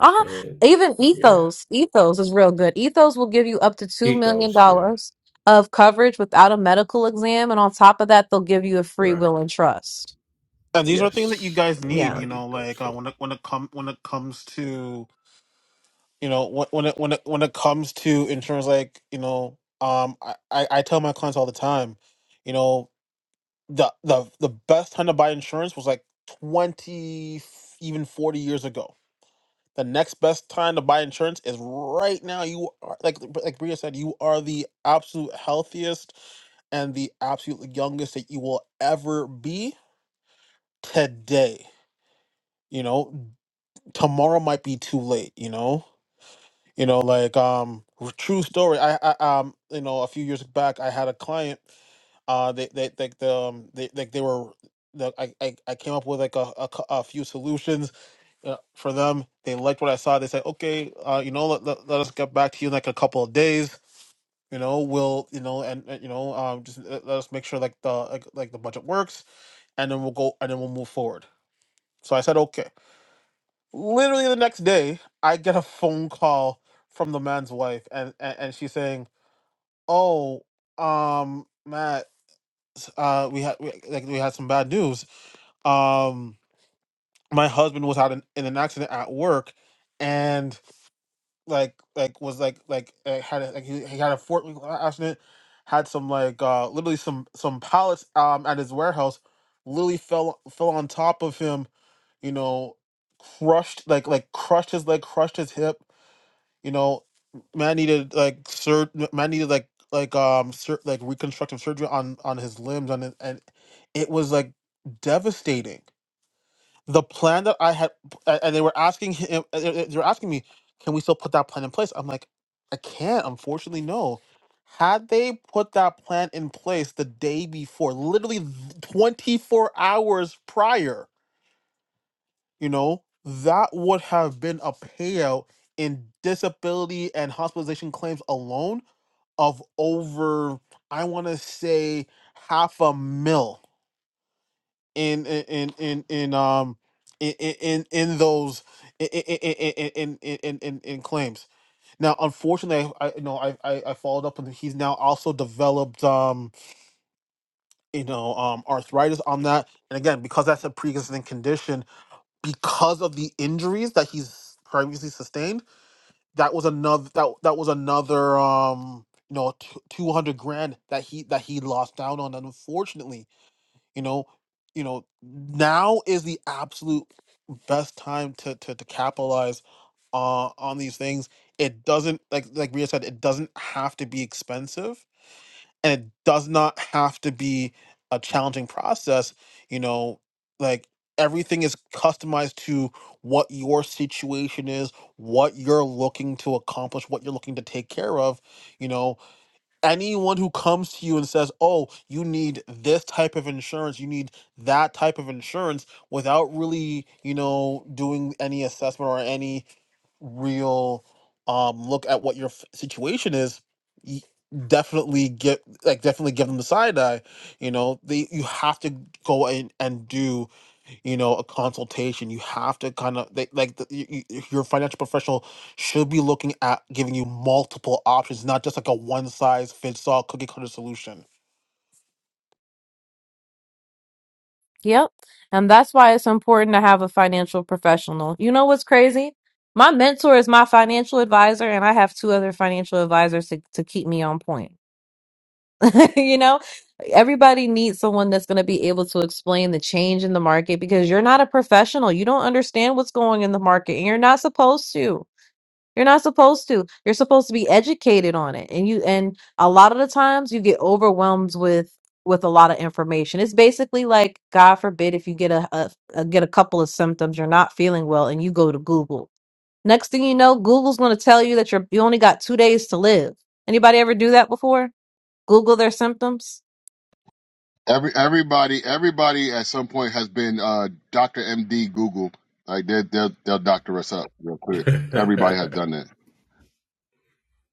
Uh-huh.
And
Even
yeah,
Ethos, Ethos is real good. Ethos will give you up to $2 million
ethos. Yeah,
dollars of coverage without a medical exam. And on top of that, they'll give you a free
right.
will and trust.
and these are things that you
Yes,
guys
I know
need
Yeah.
you
about
know
ethos
like uh,
too.
when it when it come when it comes to you know when when it when it, when it comes to insurance like you know um I, I I tell my clients all the time you know the the the best time to buy insurance was like 20 even 40 years ago the next best time to buy insurance is right now you are like like Bria said you are the absolute healthiest and the absolute youngest that you will ever be today you know tomorrow might be too late you know You know, like um, r- true story. I, I um, you know, a few years back, I had a client. Uh, they they like the um, they like they were. The, I, I I came up with like a a, cou- a few solutions uh, for them. They liked what I saw. They said, okay, uh, you know, let, let, let us get back to you in like a couple of days. You know, we'll you know and, and you know um just let, let us make sure like the like, like the budget works, and then we'll go and then we'll move forward. So I said okay. Literally the next day, I get a phone call from the man's wife, and and, and she's saying Oh, um, Matt, uh, we had we, like we had some bad news. Um, my husband was out in, in an accident at work, and like like was like like uh, had a, like he, he had a fort accident, had some like uh literally some some pallets um at his warehouse, literally fell fell on top of him. You know, crushed like like crushed his leg, crushed his hip. You know, man needed like sur- man needed like like um sur- like reconstructive surgery on on his limbs and and it was like devastating. The plan that I had a- and they were asking him uh, uh, they were asking me, "Can we still put that plan in place?" I'm like, "I can't, unfortunately, no." Had they put that plan in place the day before, literally th- 24 hours prior, you know, that would have been a payout in disability and hospitalization claims alone of over, I want to say, half a mil in in in in, in um in in in those in in in in, in, in in claims. Now, unfortunately, I I- you know I, I I followed up, and he's now also developed um you know um arthritis on that, and again because that's a pre-existing condition because of the injuries that he's previously sustained, that was another that that was another um you know t- two hundred grand that he that he lost down on, and unfortunately, you know, you know now is the absolute best time to to, to capitalize uh, on these things. It doesn't like like Ria said, it doesn't have to be expensive and it does not have to be a challenging process you know like everything is customized to what your situation is what you're looking to accomplish what you're looking to take care of you know anyone who comes to you and says oh you need this type of insurance you need that type of insurance without really you know doing any assessment or any real um look at what your f- situation is y- definitely get like definitely give them the side eye you know they you have to go in and do you know a consultation you have to kind of they, like the, y y- your financial professional should be looking at giving you multiple options not just like a one size fits all cookie cutter solution
Yep. And that's why it's important to have a financial professional. You know what's crazy? My mentor is my financial advisor, and I have two other financial advisors to, to keep me on point. you know everybody needs someone that's going to be able to explain the change in the market because you're not a professional you don't understand what's going in the market and you're not supposed to you're not supposed to you're supposed to be educated on it and you and a lot of the times you get overwhelmed with with a lot of information it's basically like god forbid if you get a, a, a get a couple of symptoms you're not feeling well and you go to google next thing you know google's going to tell you that you're you only got two days to live anybody ever do that before google their symptoms
Every everybody everybody at some point has been uh Doctor MD Google. Like they they'll they'll doctor us up real quick. Everybody has done that.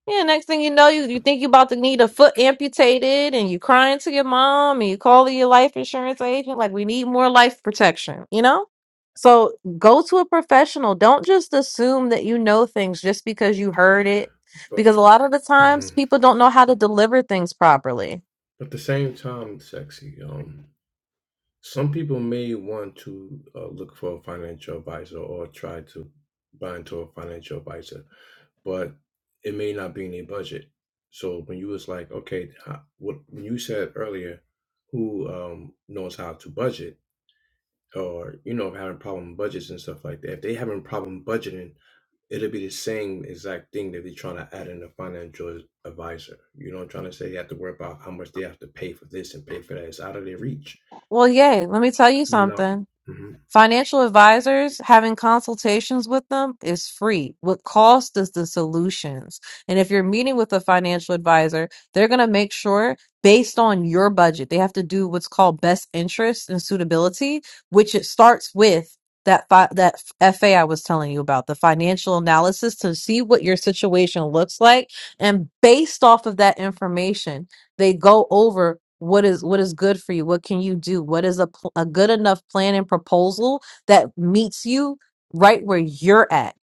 Yeah, next thing you know, you, you think you about to need a foot amputated and you crying to your mom and you calling your life insurance agent, like we need more life protection, you know? So go to a professional. Don't just assume that you know things just because you heard it.
but
Because a lot of the times
mhm.
people don't know how to deliver things properly.
At the same time, sexy. Um, some people may want to uh, look for a financial advisor or try to buy into a financial advisor, but it may not be in their budget. So when you was like, okay, how, what when you said earlier, who um knows how to budget or you know having problem budgets and stuff like that. If they having problem budgeting, it'll be the same exact thing that they're trying to add in a financial advisor. You know, trying to say you have to worry about how much they have to pay for this and pay for that. It's out of their reach.
Well, yay, let me tell you
Not
something.
mhm.
Financial advisors, having consultations with them is free. What cost is the solutions. And if you're meeting with a financial advisor, they're going to make sure based on your budget, they have to do what's called best interest and suitability, which it starts with that fi- that FA I was telling you about, the financial analysis to see what your situation looks like and based off of that information they go over what is what is good for you what can you do what is a, pl- a good enough plan and proposal that meets you right where you're at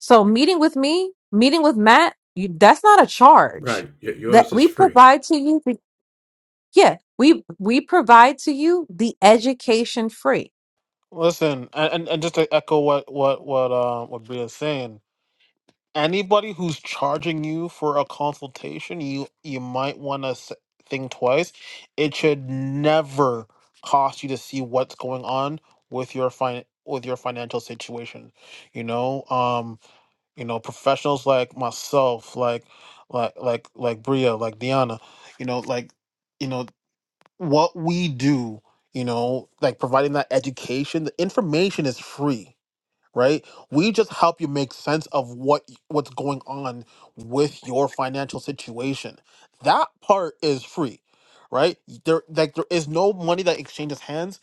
so meeting with me meeting with matt you, that's not a charge
right. Y-
that
yours is
we
free.
provide to you the- yeah we we provide to you the education free
listen and and, and just to echo what what what uh what Bria's saying anybody who's charging you for a consultation, you you might want to think twice. It should never cost you to see what's going on with your fin with your financial situation. You know, um, you know, professionals like myself, like like like like Bria, like Diana, you know, like you know what we do. You know, like providing that education. The information is free right? We just help you make sense of what what's going on with your financial situation. That part is free, right? There like there is no money that exchanges hands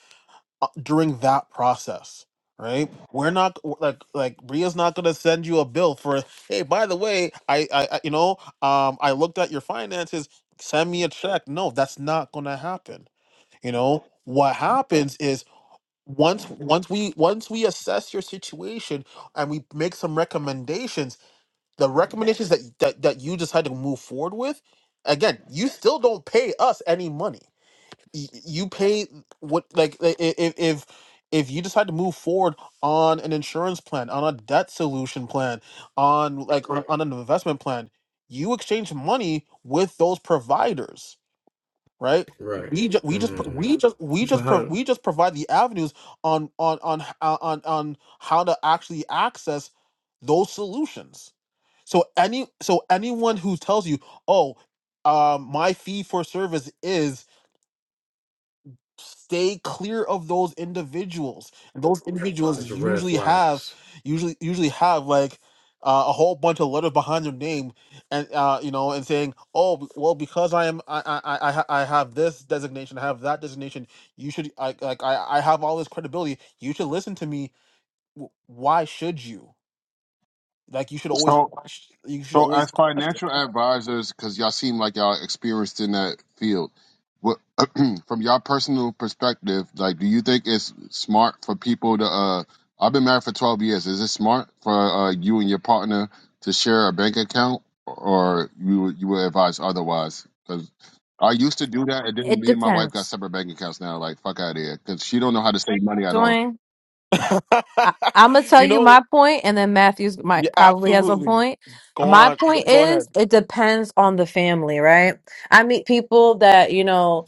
uh, during that process, right? We're not like like Bria's not going to send you a bill for hey, by the way, I, I I- you know, um I looked at your finances, send me a check. No, that's not going to happen. You know, what happens is once once we once we assess your situation and we make some recommendations the recommendations that that, that you decide to move forward with again you still don't pay us any money Y- you pay what like i- i- if if if you decide to move forward on an insurance plan on a debt solution plan on like on, Right. on an investment plan you exchange money with those providers right?
Right.
We just we just pro-
Mm.
we just we
So
just
how
pro-
do?
we just provide the avenues on on on h- uh, on on how to actually access those solutions. So any so anyone who tells you, "Oh, um, my fee for service is stay clear of those individuals and those individuals
It's red
usually have
flags.
usually usually have like uh, a whole bunch of letters behind their name and uh, you know and saying oh b- well because i am i i i, I ha- I have this designation i have that designation you should I, like i i have all this credibility you should listen to me W- why should you like you should always
So
question you should
So,
always
as
question
financial advisors, because y'all seem like y'all experienced in that field, what from y'all personal perspective, like, do you think it's smart for people to? uh I've been married for twelve years. Is it smart for uh, you and your partner to share a bank account, or you would- you would advise otherwise? Because I used to do that, and then
it
me and my wife got
depends
separate bank accounts now. Like, fuck out of here, because she don't know how to save money at all.
dwayne I, I'm gonna tell
you
you
know
my point, and then Matthews
yeah,
might probably has a
absolutely
point.
go
My
on go
point
go
is,
ahead
it depends on the family, right? I meet people that you know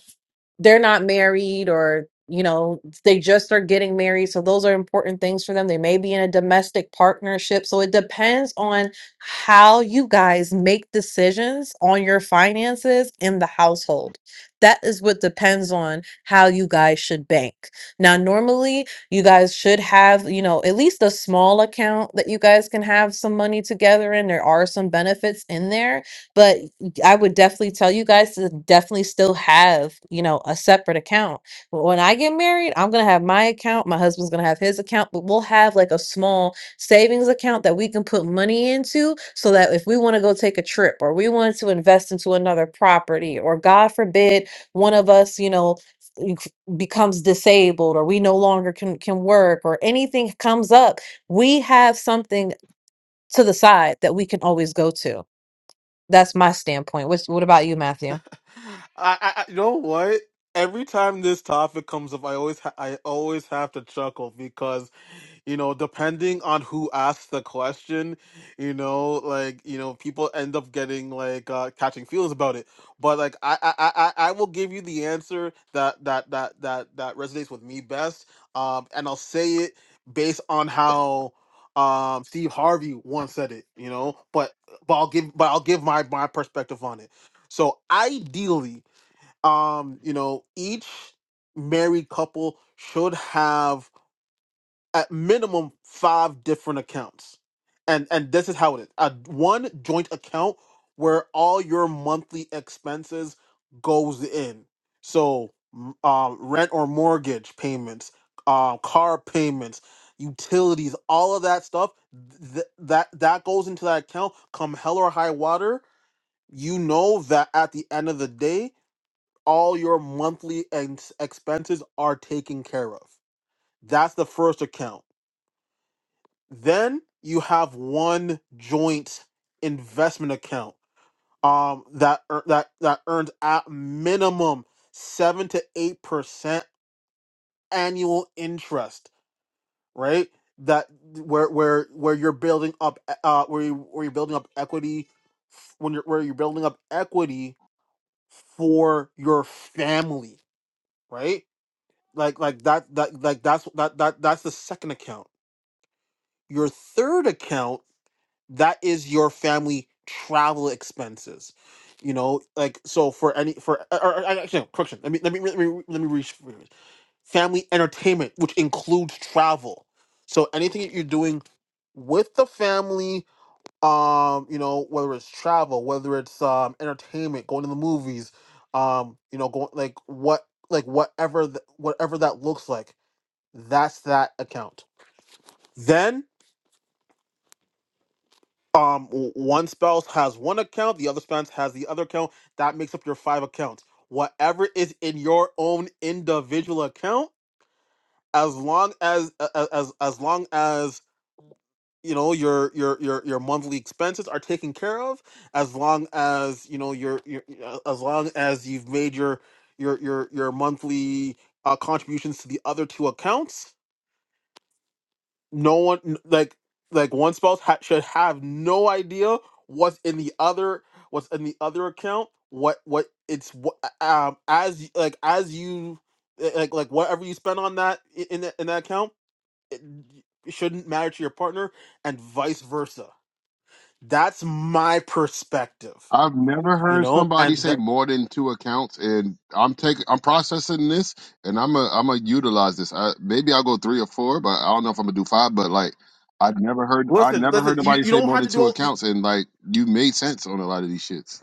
they're not married or you know they just are getting married so those are important things for them they may be in a domestic partnership so it depends on how you guys make decisions on your finances in the household that is what depends on how you guys should bank now normally you guys should have you know at least a small account that you guys can have some money together in there are some benefits in there but. I would definitely tell you guys to definitely still have, you know, a separate account. But when I get married, I'm going to have my account, my husband's going to have his account, but we'll have like a small savings account that we can put money into so that if we want to go take a trip or we want to invest into another property or God forbid one of us, you know, n- c- becomes disabled or we no longer can can work or anything comes up, we have something to the side that we can always go to that's my standpoint. What's, what about you, Matthew?
I, I, you know what? Every time this topic comes up, I always, ha- I always have to chuckle because you know depending on who asks the question you know like you know people end up getting like uh catching feels about it but like i i i, I I will give you the answer that that that that that resonates with me best um and i'll say it based on how um steve harvey once said it you know but but i'll give but i'll give my my perspective on it so ideally um you know each married couple should have at minimum five different accounts. And and this is how it is. A one joint account where all your monthly expenses goes in. So m- um, rent or mortgage payments, um, car payments, utilities, all of that stuff th- that that goes into that account come hell or high water, you know that at the end of the day all your monthly ex- expenses are taken care of. That's the first account then you have one joint investment account um that ear- that that earns at minimum 7 to 8% annual interest, right? That where where where you're building up e, uh where you where you're building up equity f- when you're where you're building up equity for your family, right? Like like that that like that's that that that's the second account. Your third account that is your family travel expenses you know like so for any for or, or, actually no, correction let me let me let me let me rephrase family entertainment which includes travel so anything that you're doing with the family um you know whether it's travel whether it's um entertainment going to the movies um you know going like what like whatever th- whatever that looks like that's that account then um w- one spouse has one account the other spouse has the other account that makes up your five accounts whatever is in your own individual account as long as a- a- as as long as you know your your your your monthly expenses are taken care of as long as you know your your uh, as long as you've made your your your your monthly uh, contributions to the other two accounts no one like like one spouse ha- should have no idea what's in the other what's in the other account what what it's what um as y- like as you eh, like like whatever you spend on that i- in that, in that account it, it shouldn't matter to your partner and vice versa that's my perspective
I've never
you
heard
know
somebody
and
say
that,
more than two accounts, and I'm taking, I'm processing this, and I'm a, I'm gonna utilize this. I, maybe I'll go three or four, but I don't know if I'm gonna do five. But like, I never heard, I
listen
never heard
listen you,
nobody
you
say
don't
more
have
than
to do
two
all
accounts, and like, you made sense on a lot of these shits.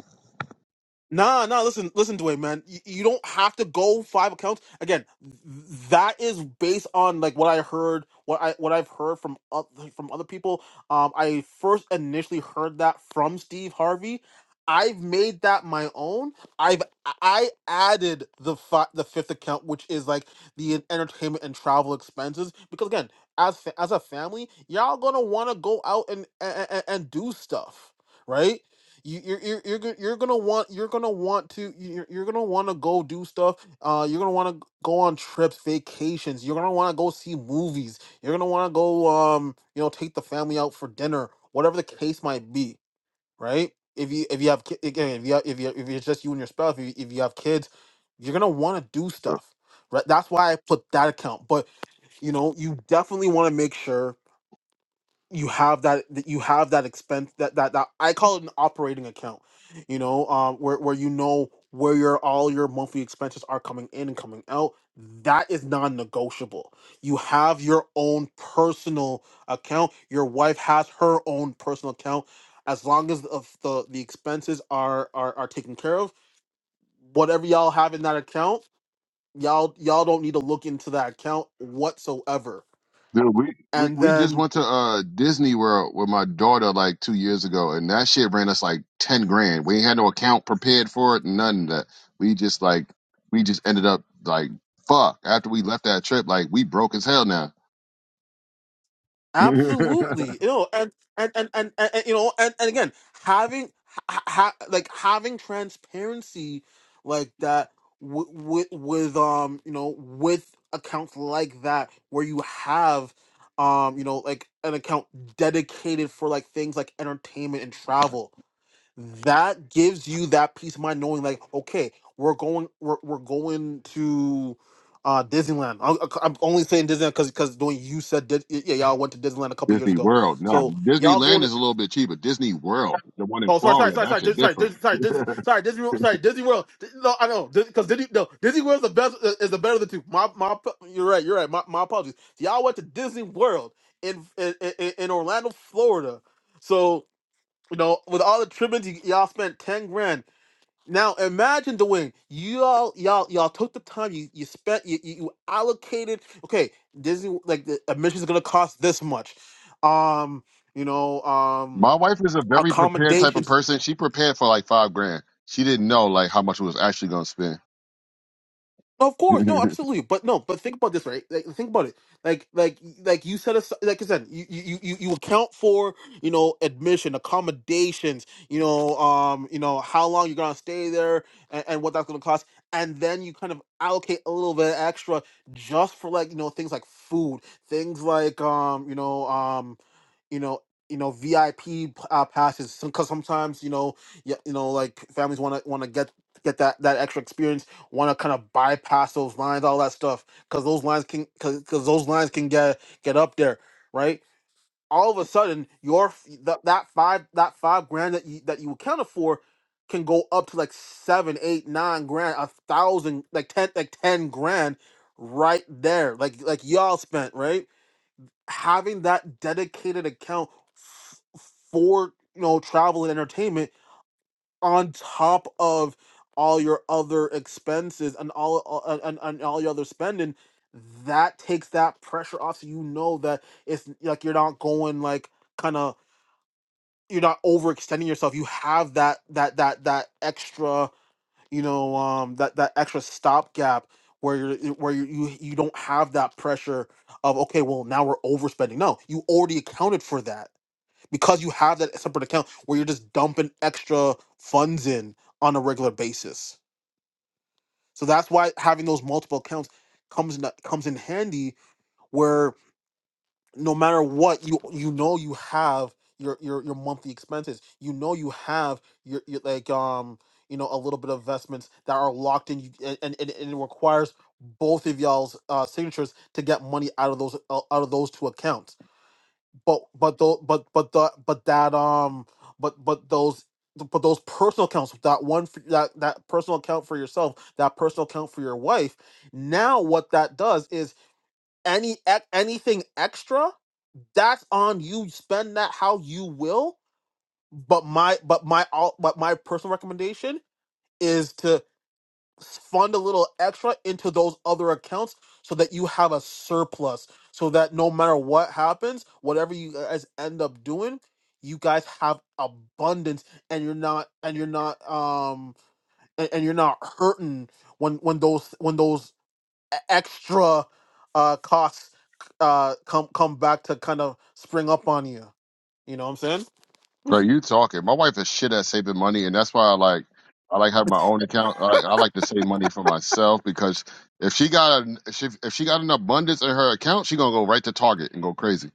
Nah, nah. Listen, listen, Dwayne, man. You, you don't have to go five accounts. Again, th- that is based on like what I heard, what I what I've heard from oth- from other people. Um, I first initially heard that from Steve Harvey. I've made that my own. I've I added the fi- the fifth account, which is like the entertainment and travel expenses. Because again, as fa- as a family, y'all gonna want to go out and, and and and do stuff, right? you you're you're you're, go- you're gonna want you're gonna want to you're, you're gonna want to go do stuff uh you're gonna want to go on trips vacations you're gonna want to go see movies you're gonna want to go um you know take the family out for dinner whatever the case might be right if you if you have ki- again if you have, if you if it's just you and your spouse if you, if you have kids you're gonna want to do stuff right that's why i put that account but you know you definitely want to make sure you have that that you have that expense that that that I call it an operating account, you know, um, where where you know where your all your monthly expenses are coming in and coming out. That is non-negotiable. You have your own personal account. Your wife has her own personal account. As long as of the the expenses are are are taken care of, whatever y'all have in that account, y'all y'all don't need to look into that account whatsoever.
Dude, we, we,
And
we just
then
went to uh Disney World with my daughter like two years ago, and that shit ran us like ten grand. We ain't had no account prepared for it, none of that. We just like we just ended up like fuck after we left that trip, like we broke as hell now.
Absolutely, you know, and and and and, and, and, you know, and, and again, having ha, ha, like having transparency like that with, with with um you know with accounts like that where you have um you know like an account dedicated for like things like entertainment and travel that gives you that peace of mind knowing like okay we're going we're, we're going to uh disneyland I, am only saying disneyland because because when you said Dis- y- yeah y'all went to disneyland a couple years
Disney
ago
World, no,
so y'all
Disneyland
going to
is a little bit cheaper. Disney World, the one in
oh sorry sorry
Florida,
sorry
that
sorry
shit
Dis- sorry
different.
Dis- sorry Dis- sorry disney World- sorry disney world Di- no i know because disney no disney world's the best is the better of the two my my you're right you're right my, my apologies So, y'all went to disney world in in, in in orlando florida so you know with all the trimmings y- y'all spent 10 grand now imagine the win. Y'all, y'all, y'all took the time. You you spent. You, you you allocated. Okay, Disney like the admission is gonna cost this much. Um, you know, um,
my wife is a very prepared type of
accommodations.
person. She prepared for like five grand. She didn't know like how much was actually gonna spend.
Of course, no, absolutely, but no, but think about this, right? Like, think about it, like, like, like you said, aside, like I said, you, you, you, you account for, you know, admission, accommodations, you know, um, you know, how long you're gonna stay there, and, and what that's gonna cost, and then you kind of allocate a little bit extra just for like, you know, things like food, things like, um, you know, um, you know. You know VIP uh, passes because sometimes you know yeah you know like families want to want to get get that that extra experience want to kind of bypass those lines, all that stuff, because those lines can because those lines can get get up there, right? All of a sudden, your f- that that five that five grand that you that you accounted for can go up to like seven, eight, nine grand, a thousand, like ten, like ten grand, right there, like like y'all spent, right? Having that dedicated account f- for you know travel and entertainment on top of all your other expenses and all all- and, and, and all your other spending that takes that pressure off so you know that it's like you're not going like kind of you're not overextending yourself you have that that that that extra you know um that that extra stopgap where you're where you, you you don't have that pressure of okay well now we're overspending no you already accounted for that because you have that separate account where you're just dumping extra funds in on a regular basis. So that's why having those multiple accounts comes in, comes in handy where no matter what you you know you have your your your monthly expenses. You know you have your, your like um you know a little bit of investments that are locked in you and and, and it requires both of y'all's uh, signatures to get money out of those uh, out of those two accounts but but those but but the but that um but but those but those personal accounts that one for, that that personal account for yourself that personal account for your wife now what that does is any ec- anything extra that's on you spend that how you will but my but my all but my personal recommendation is to fund a little extra into those other accounts so that you have a surplus so that no matter what happens whatever you guys end up doing you guys have abundance and you're not and you're not um and, and you're not hurting when when those when those e- extra uh costs uh come come back to kind of spring up on you you know what i'm saying
Bro, you talking. My wife is shit at saving money, and that's why I like I like having my own account. I, I like to save money for myself because if she got an, if she, if she got an abundance in her account, she gonna go right to Target and go crazy.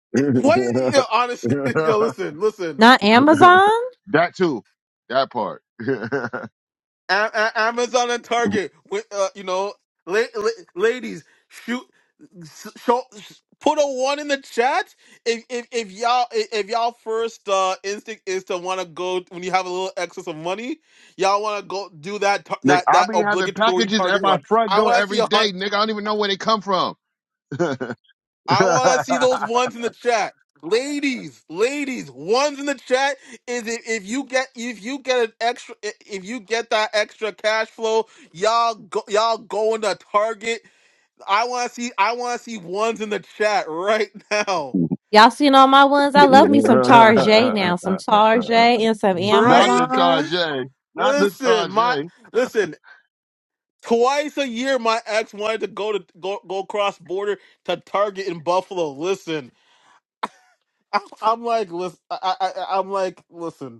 It- what yo
that
honestly yo listen listen
Not Amazon?
too, that part.
A- A- Amazon and Target. With uh, you know, la- la- ladies, shoot, s- show, put a one in the chat if if, if y'all if, if y'all first uh, instinct is to want to go when you have a little excess of money, y'all want to go do that tar-
Nick,
that
I
that
be having
obligatory
packages at
Target
my
run.
front
I
door
want to see
every
a hundred.
day. Nick, I don't even know where they come from.
I want to see those ones in the chat. Ladies, ladies, ones in the chat is if, if you get if you get an extra i- if you get that extra cash flow, y'all go, y'all going to Target. I want to see I want to see ones in the chat right now.
Y'all seen all my ones? I love me some Tarjay now, some Tarjay and some
Not
Right?
the
Amazon.
Tarjay. Not the
Listen, my
Tarjay.
listen, twice a year my ex wanted to go to go go cross border to Target in Buffalo. Listen, I'm, I'm like listen, I, I I- I'm like listen.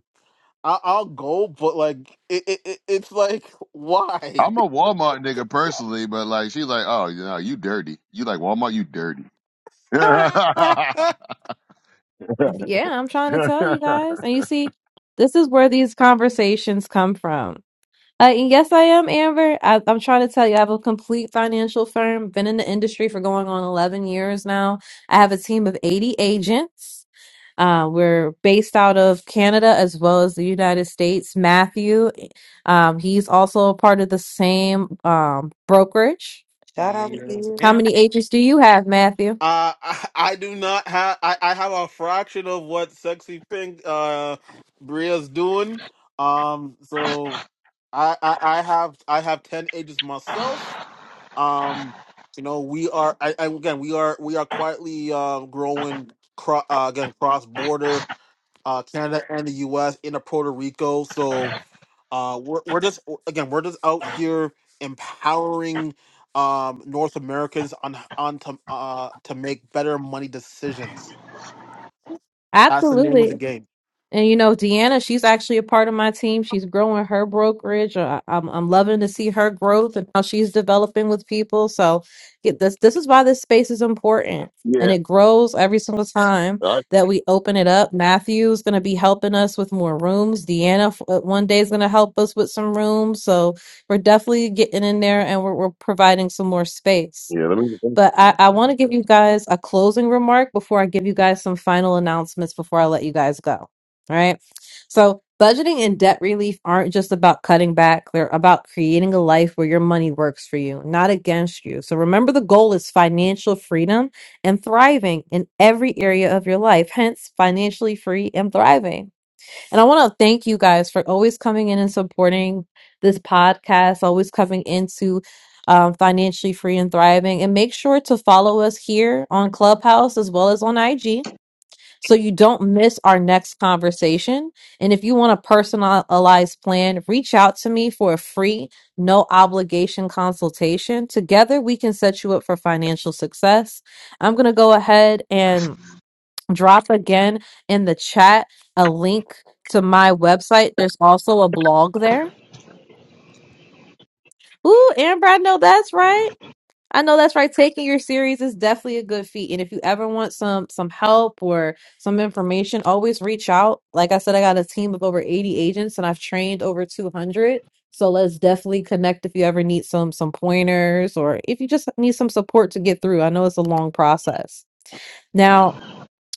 I, I'll go, but like it, it, it it's like why?
I'm a Walmart nigga personally, but like she's like, oh you know, you dirty. You like Walmart, you dirty. yeah.
Yeah, I'm trying to tell you guys. And you see, this is where these conversations come from. Uh, and yes, I am, Amber. I, I'm trying to tell you, I have a complete financial firm, been in the industry for going on 11 years now. I have a team of 80 agents. Uh, we're based out of Canada as well as the United States. Matthew, um, he's also a part of the same um, brokerage.
Shout out to
yes,
How
you.
ma'am.
many agents do you have, Matthew?
Uh, I, I do not have. I, I have a fraction of what sexy pink uh Bria's doing. Um, so I, I I have I have ten ages myself. Um, you know we are. I, I again we are we are quietly uh growing. Cro- uh, again cross border uh Canada and the U.S. into Puerto Rico. So Uh, we're, we're just again, we're just out here empowering um, North Americans on on to uh, to make better money decisions. That's the name of the
Absolutely.
game.
And you know, Deanna, she's actually a part of my team. She's growing her brokerage. I- I'm I'm loving to see her growth and how she's developing with people. So, get this. This is why this space is important, and it grows every single time
I,
that we open it up. Matthew's going to be helping us with more rooms. Deanna f- uh, one day is going to help us with some rooms. So we're definitely getting in there, and we're we're providing some more space.
yeah, let me,
But I, I want to give you guys a closing remark before I give you guys some final announcements before I let you guys go. All right. So, budgeting and debt relief aren't just about cutting back, they're about creating a life where your money works for you, not against you. So, remember the goal is financial freedom and thriving in every area of your life, hence, financially free and thriving. And I want to thank you guys for always coming in and supporting this podcast, always coming into um, Financially Free and Thriving. And make sure to follow us here on Clubhouse as well as on IG so you don't miss our next conversation. And if you want a personalized plan, reach out to me for a free, no obligation consultation. Together, we can set you up for financial success. I'm going to go ahead and drop again in the chat a link to my website. There's also a blog there. Ooh, Amber, I know that's right. I know that's right. Taking your series is definitely a good feat. And if you ever want some some help or some information, always reach out. Like I said, I got a team of over 80 agents and I've trained over 200. So let's definitely connect if you ever need some some pointers or if you just need some support to get through. I know it's a long process. Now,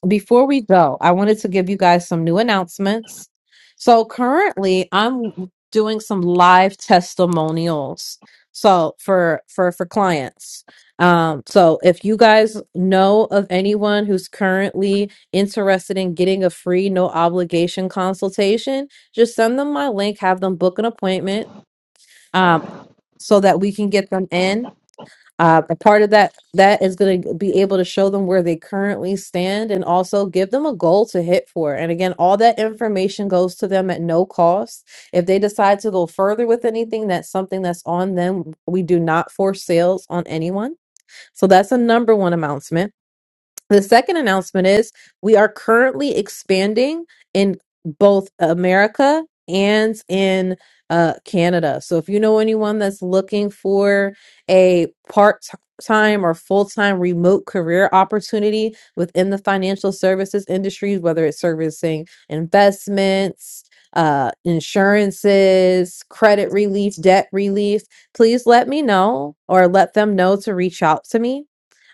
before we go, I wanted to give you guys some new announcements. So currently, I'm doing some live testimonials. So for for for clients. Um, so if you guys know of anyone who's currently interested in getting a free, no obligation consultation, just send them my link, have them book an appointment, um, so that we can get them in. Uh, a part of that that is going to be able to show them where they currently stand and also give them a goal to hit for. And again, all that information goes to them at no cost. If they decide to go further with anything, that's something that's on them. We do not force sales on anyone. So that's a number one announcement. The second announcement is we are currently expanding in both America and in uh, Canada. So if you know anyone that's looking for a part time or full time remote career opportunity within the financial services industry, whether it's servicing investments, uh, insurances, credit relief, debt relief, please let me know or let them know to reach out to me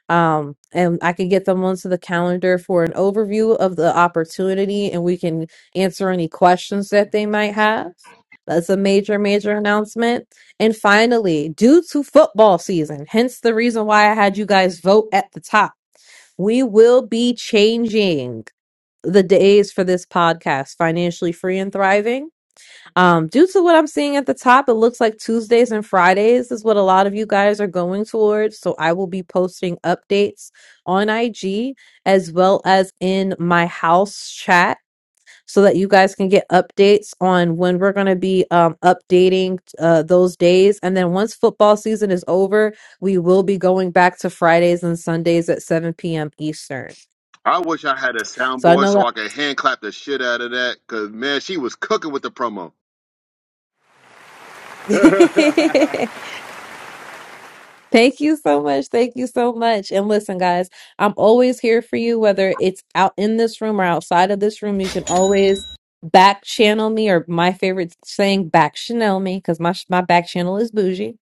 um and i can get them onto the calendar for an overview of the opportunity and we can answer any questions that they might have that's a major major announcement and finally due to football season hence the reason why i had you guys vote at the top we will be changing the days for this podcast financially free and thriving um, due to what I'm seeing at the top, it looks like Tuesdays and Fridays is what a lot of you guys are going towards. So I will be posting updates on IG as well as in my house chat so that you guys can get updates on when we're going to be um, updating uh, those days. And then once football season is over, we will be going back to Fridays and Sundays at 7 p.m. Eastern.
I wish I had a
So I
soundboard
know
so
that.
I could hand clap the shit out of that, cause man, she was cooking with the promo. but
Thank you so much. Thank you so much. And listen, guys, I'm always here for you, whether it's out in this room or outside of this room. You can always back channel me, or my favorite saying, back channel me, because my my back channel is bougie.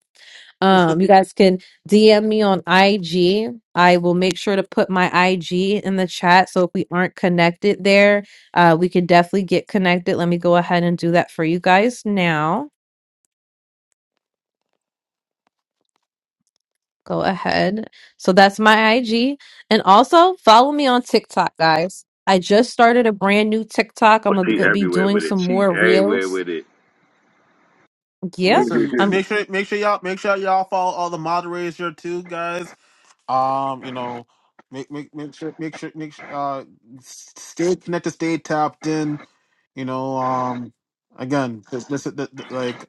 Um, you guys can DM me on IG. I will make sure to put my IG in the chat. So if we aren't connected there, uh, we can definitely get connected. Let me go ahead and do that for you guys now. Go ahead. So that's my IG. And also follow me on TikTok, guys. I just started a brand new TikTok. I'm going
she
to be
everywhere
doing
with it.
some
She
more
everywhere
reels.
with it.
Yeah.
Listen,
I'm
make sure make sure y'all make sure y'all follow all the moderators here too, guys. Um, you know, make make make sure make sure make sure, uh s- stay connected, stay tapped in. you know um again this, this th th- like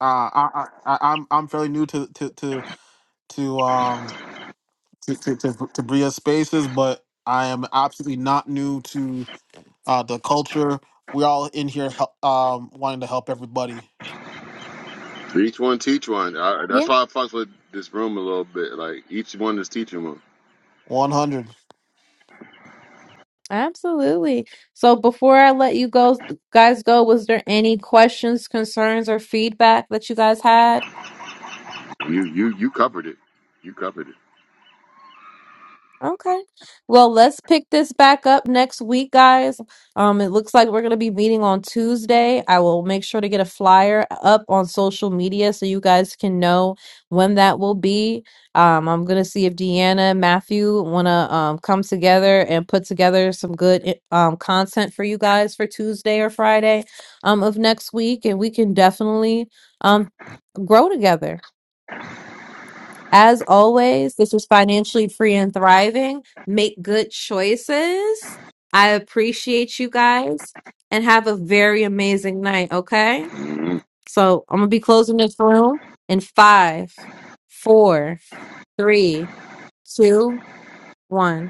uh I, I I- i'm i'm fairly new to to to to um to to, to, to bria spaces but i am absolutely not new to uh the culture we're all in here hel- um wanting to help everybody
each one teach one. I, that's
yeah,
why I fucks with this room a little bit. Like each one is teaching one.
100
absolutely. So before I let you go, guys go, was there any questions, concerns or feedback that you guys had?
You you you covered it. You covered it.
Okay. Well, let's pick this back up next week, guys. Um, it looks like we're going to be meeting on Tuesday. I will make sure to get a flyer up on social media so you guys can know when that will be. Um, I'm going to see if Deanna and Matthew want to um, come together and put together some good i- um, content for you guys for Tuesday or Friday um, of next week, and we can definitely um, grow together. As always, this was financially free and thriving. Make good choices. I appreciate you guys and have a very amazing night. Okay.
Mhm.
So I'm going to be closing this room in five, four, three, two, one.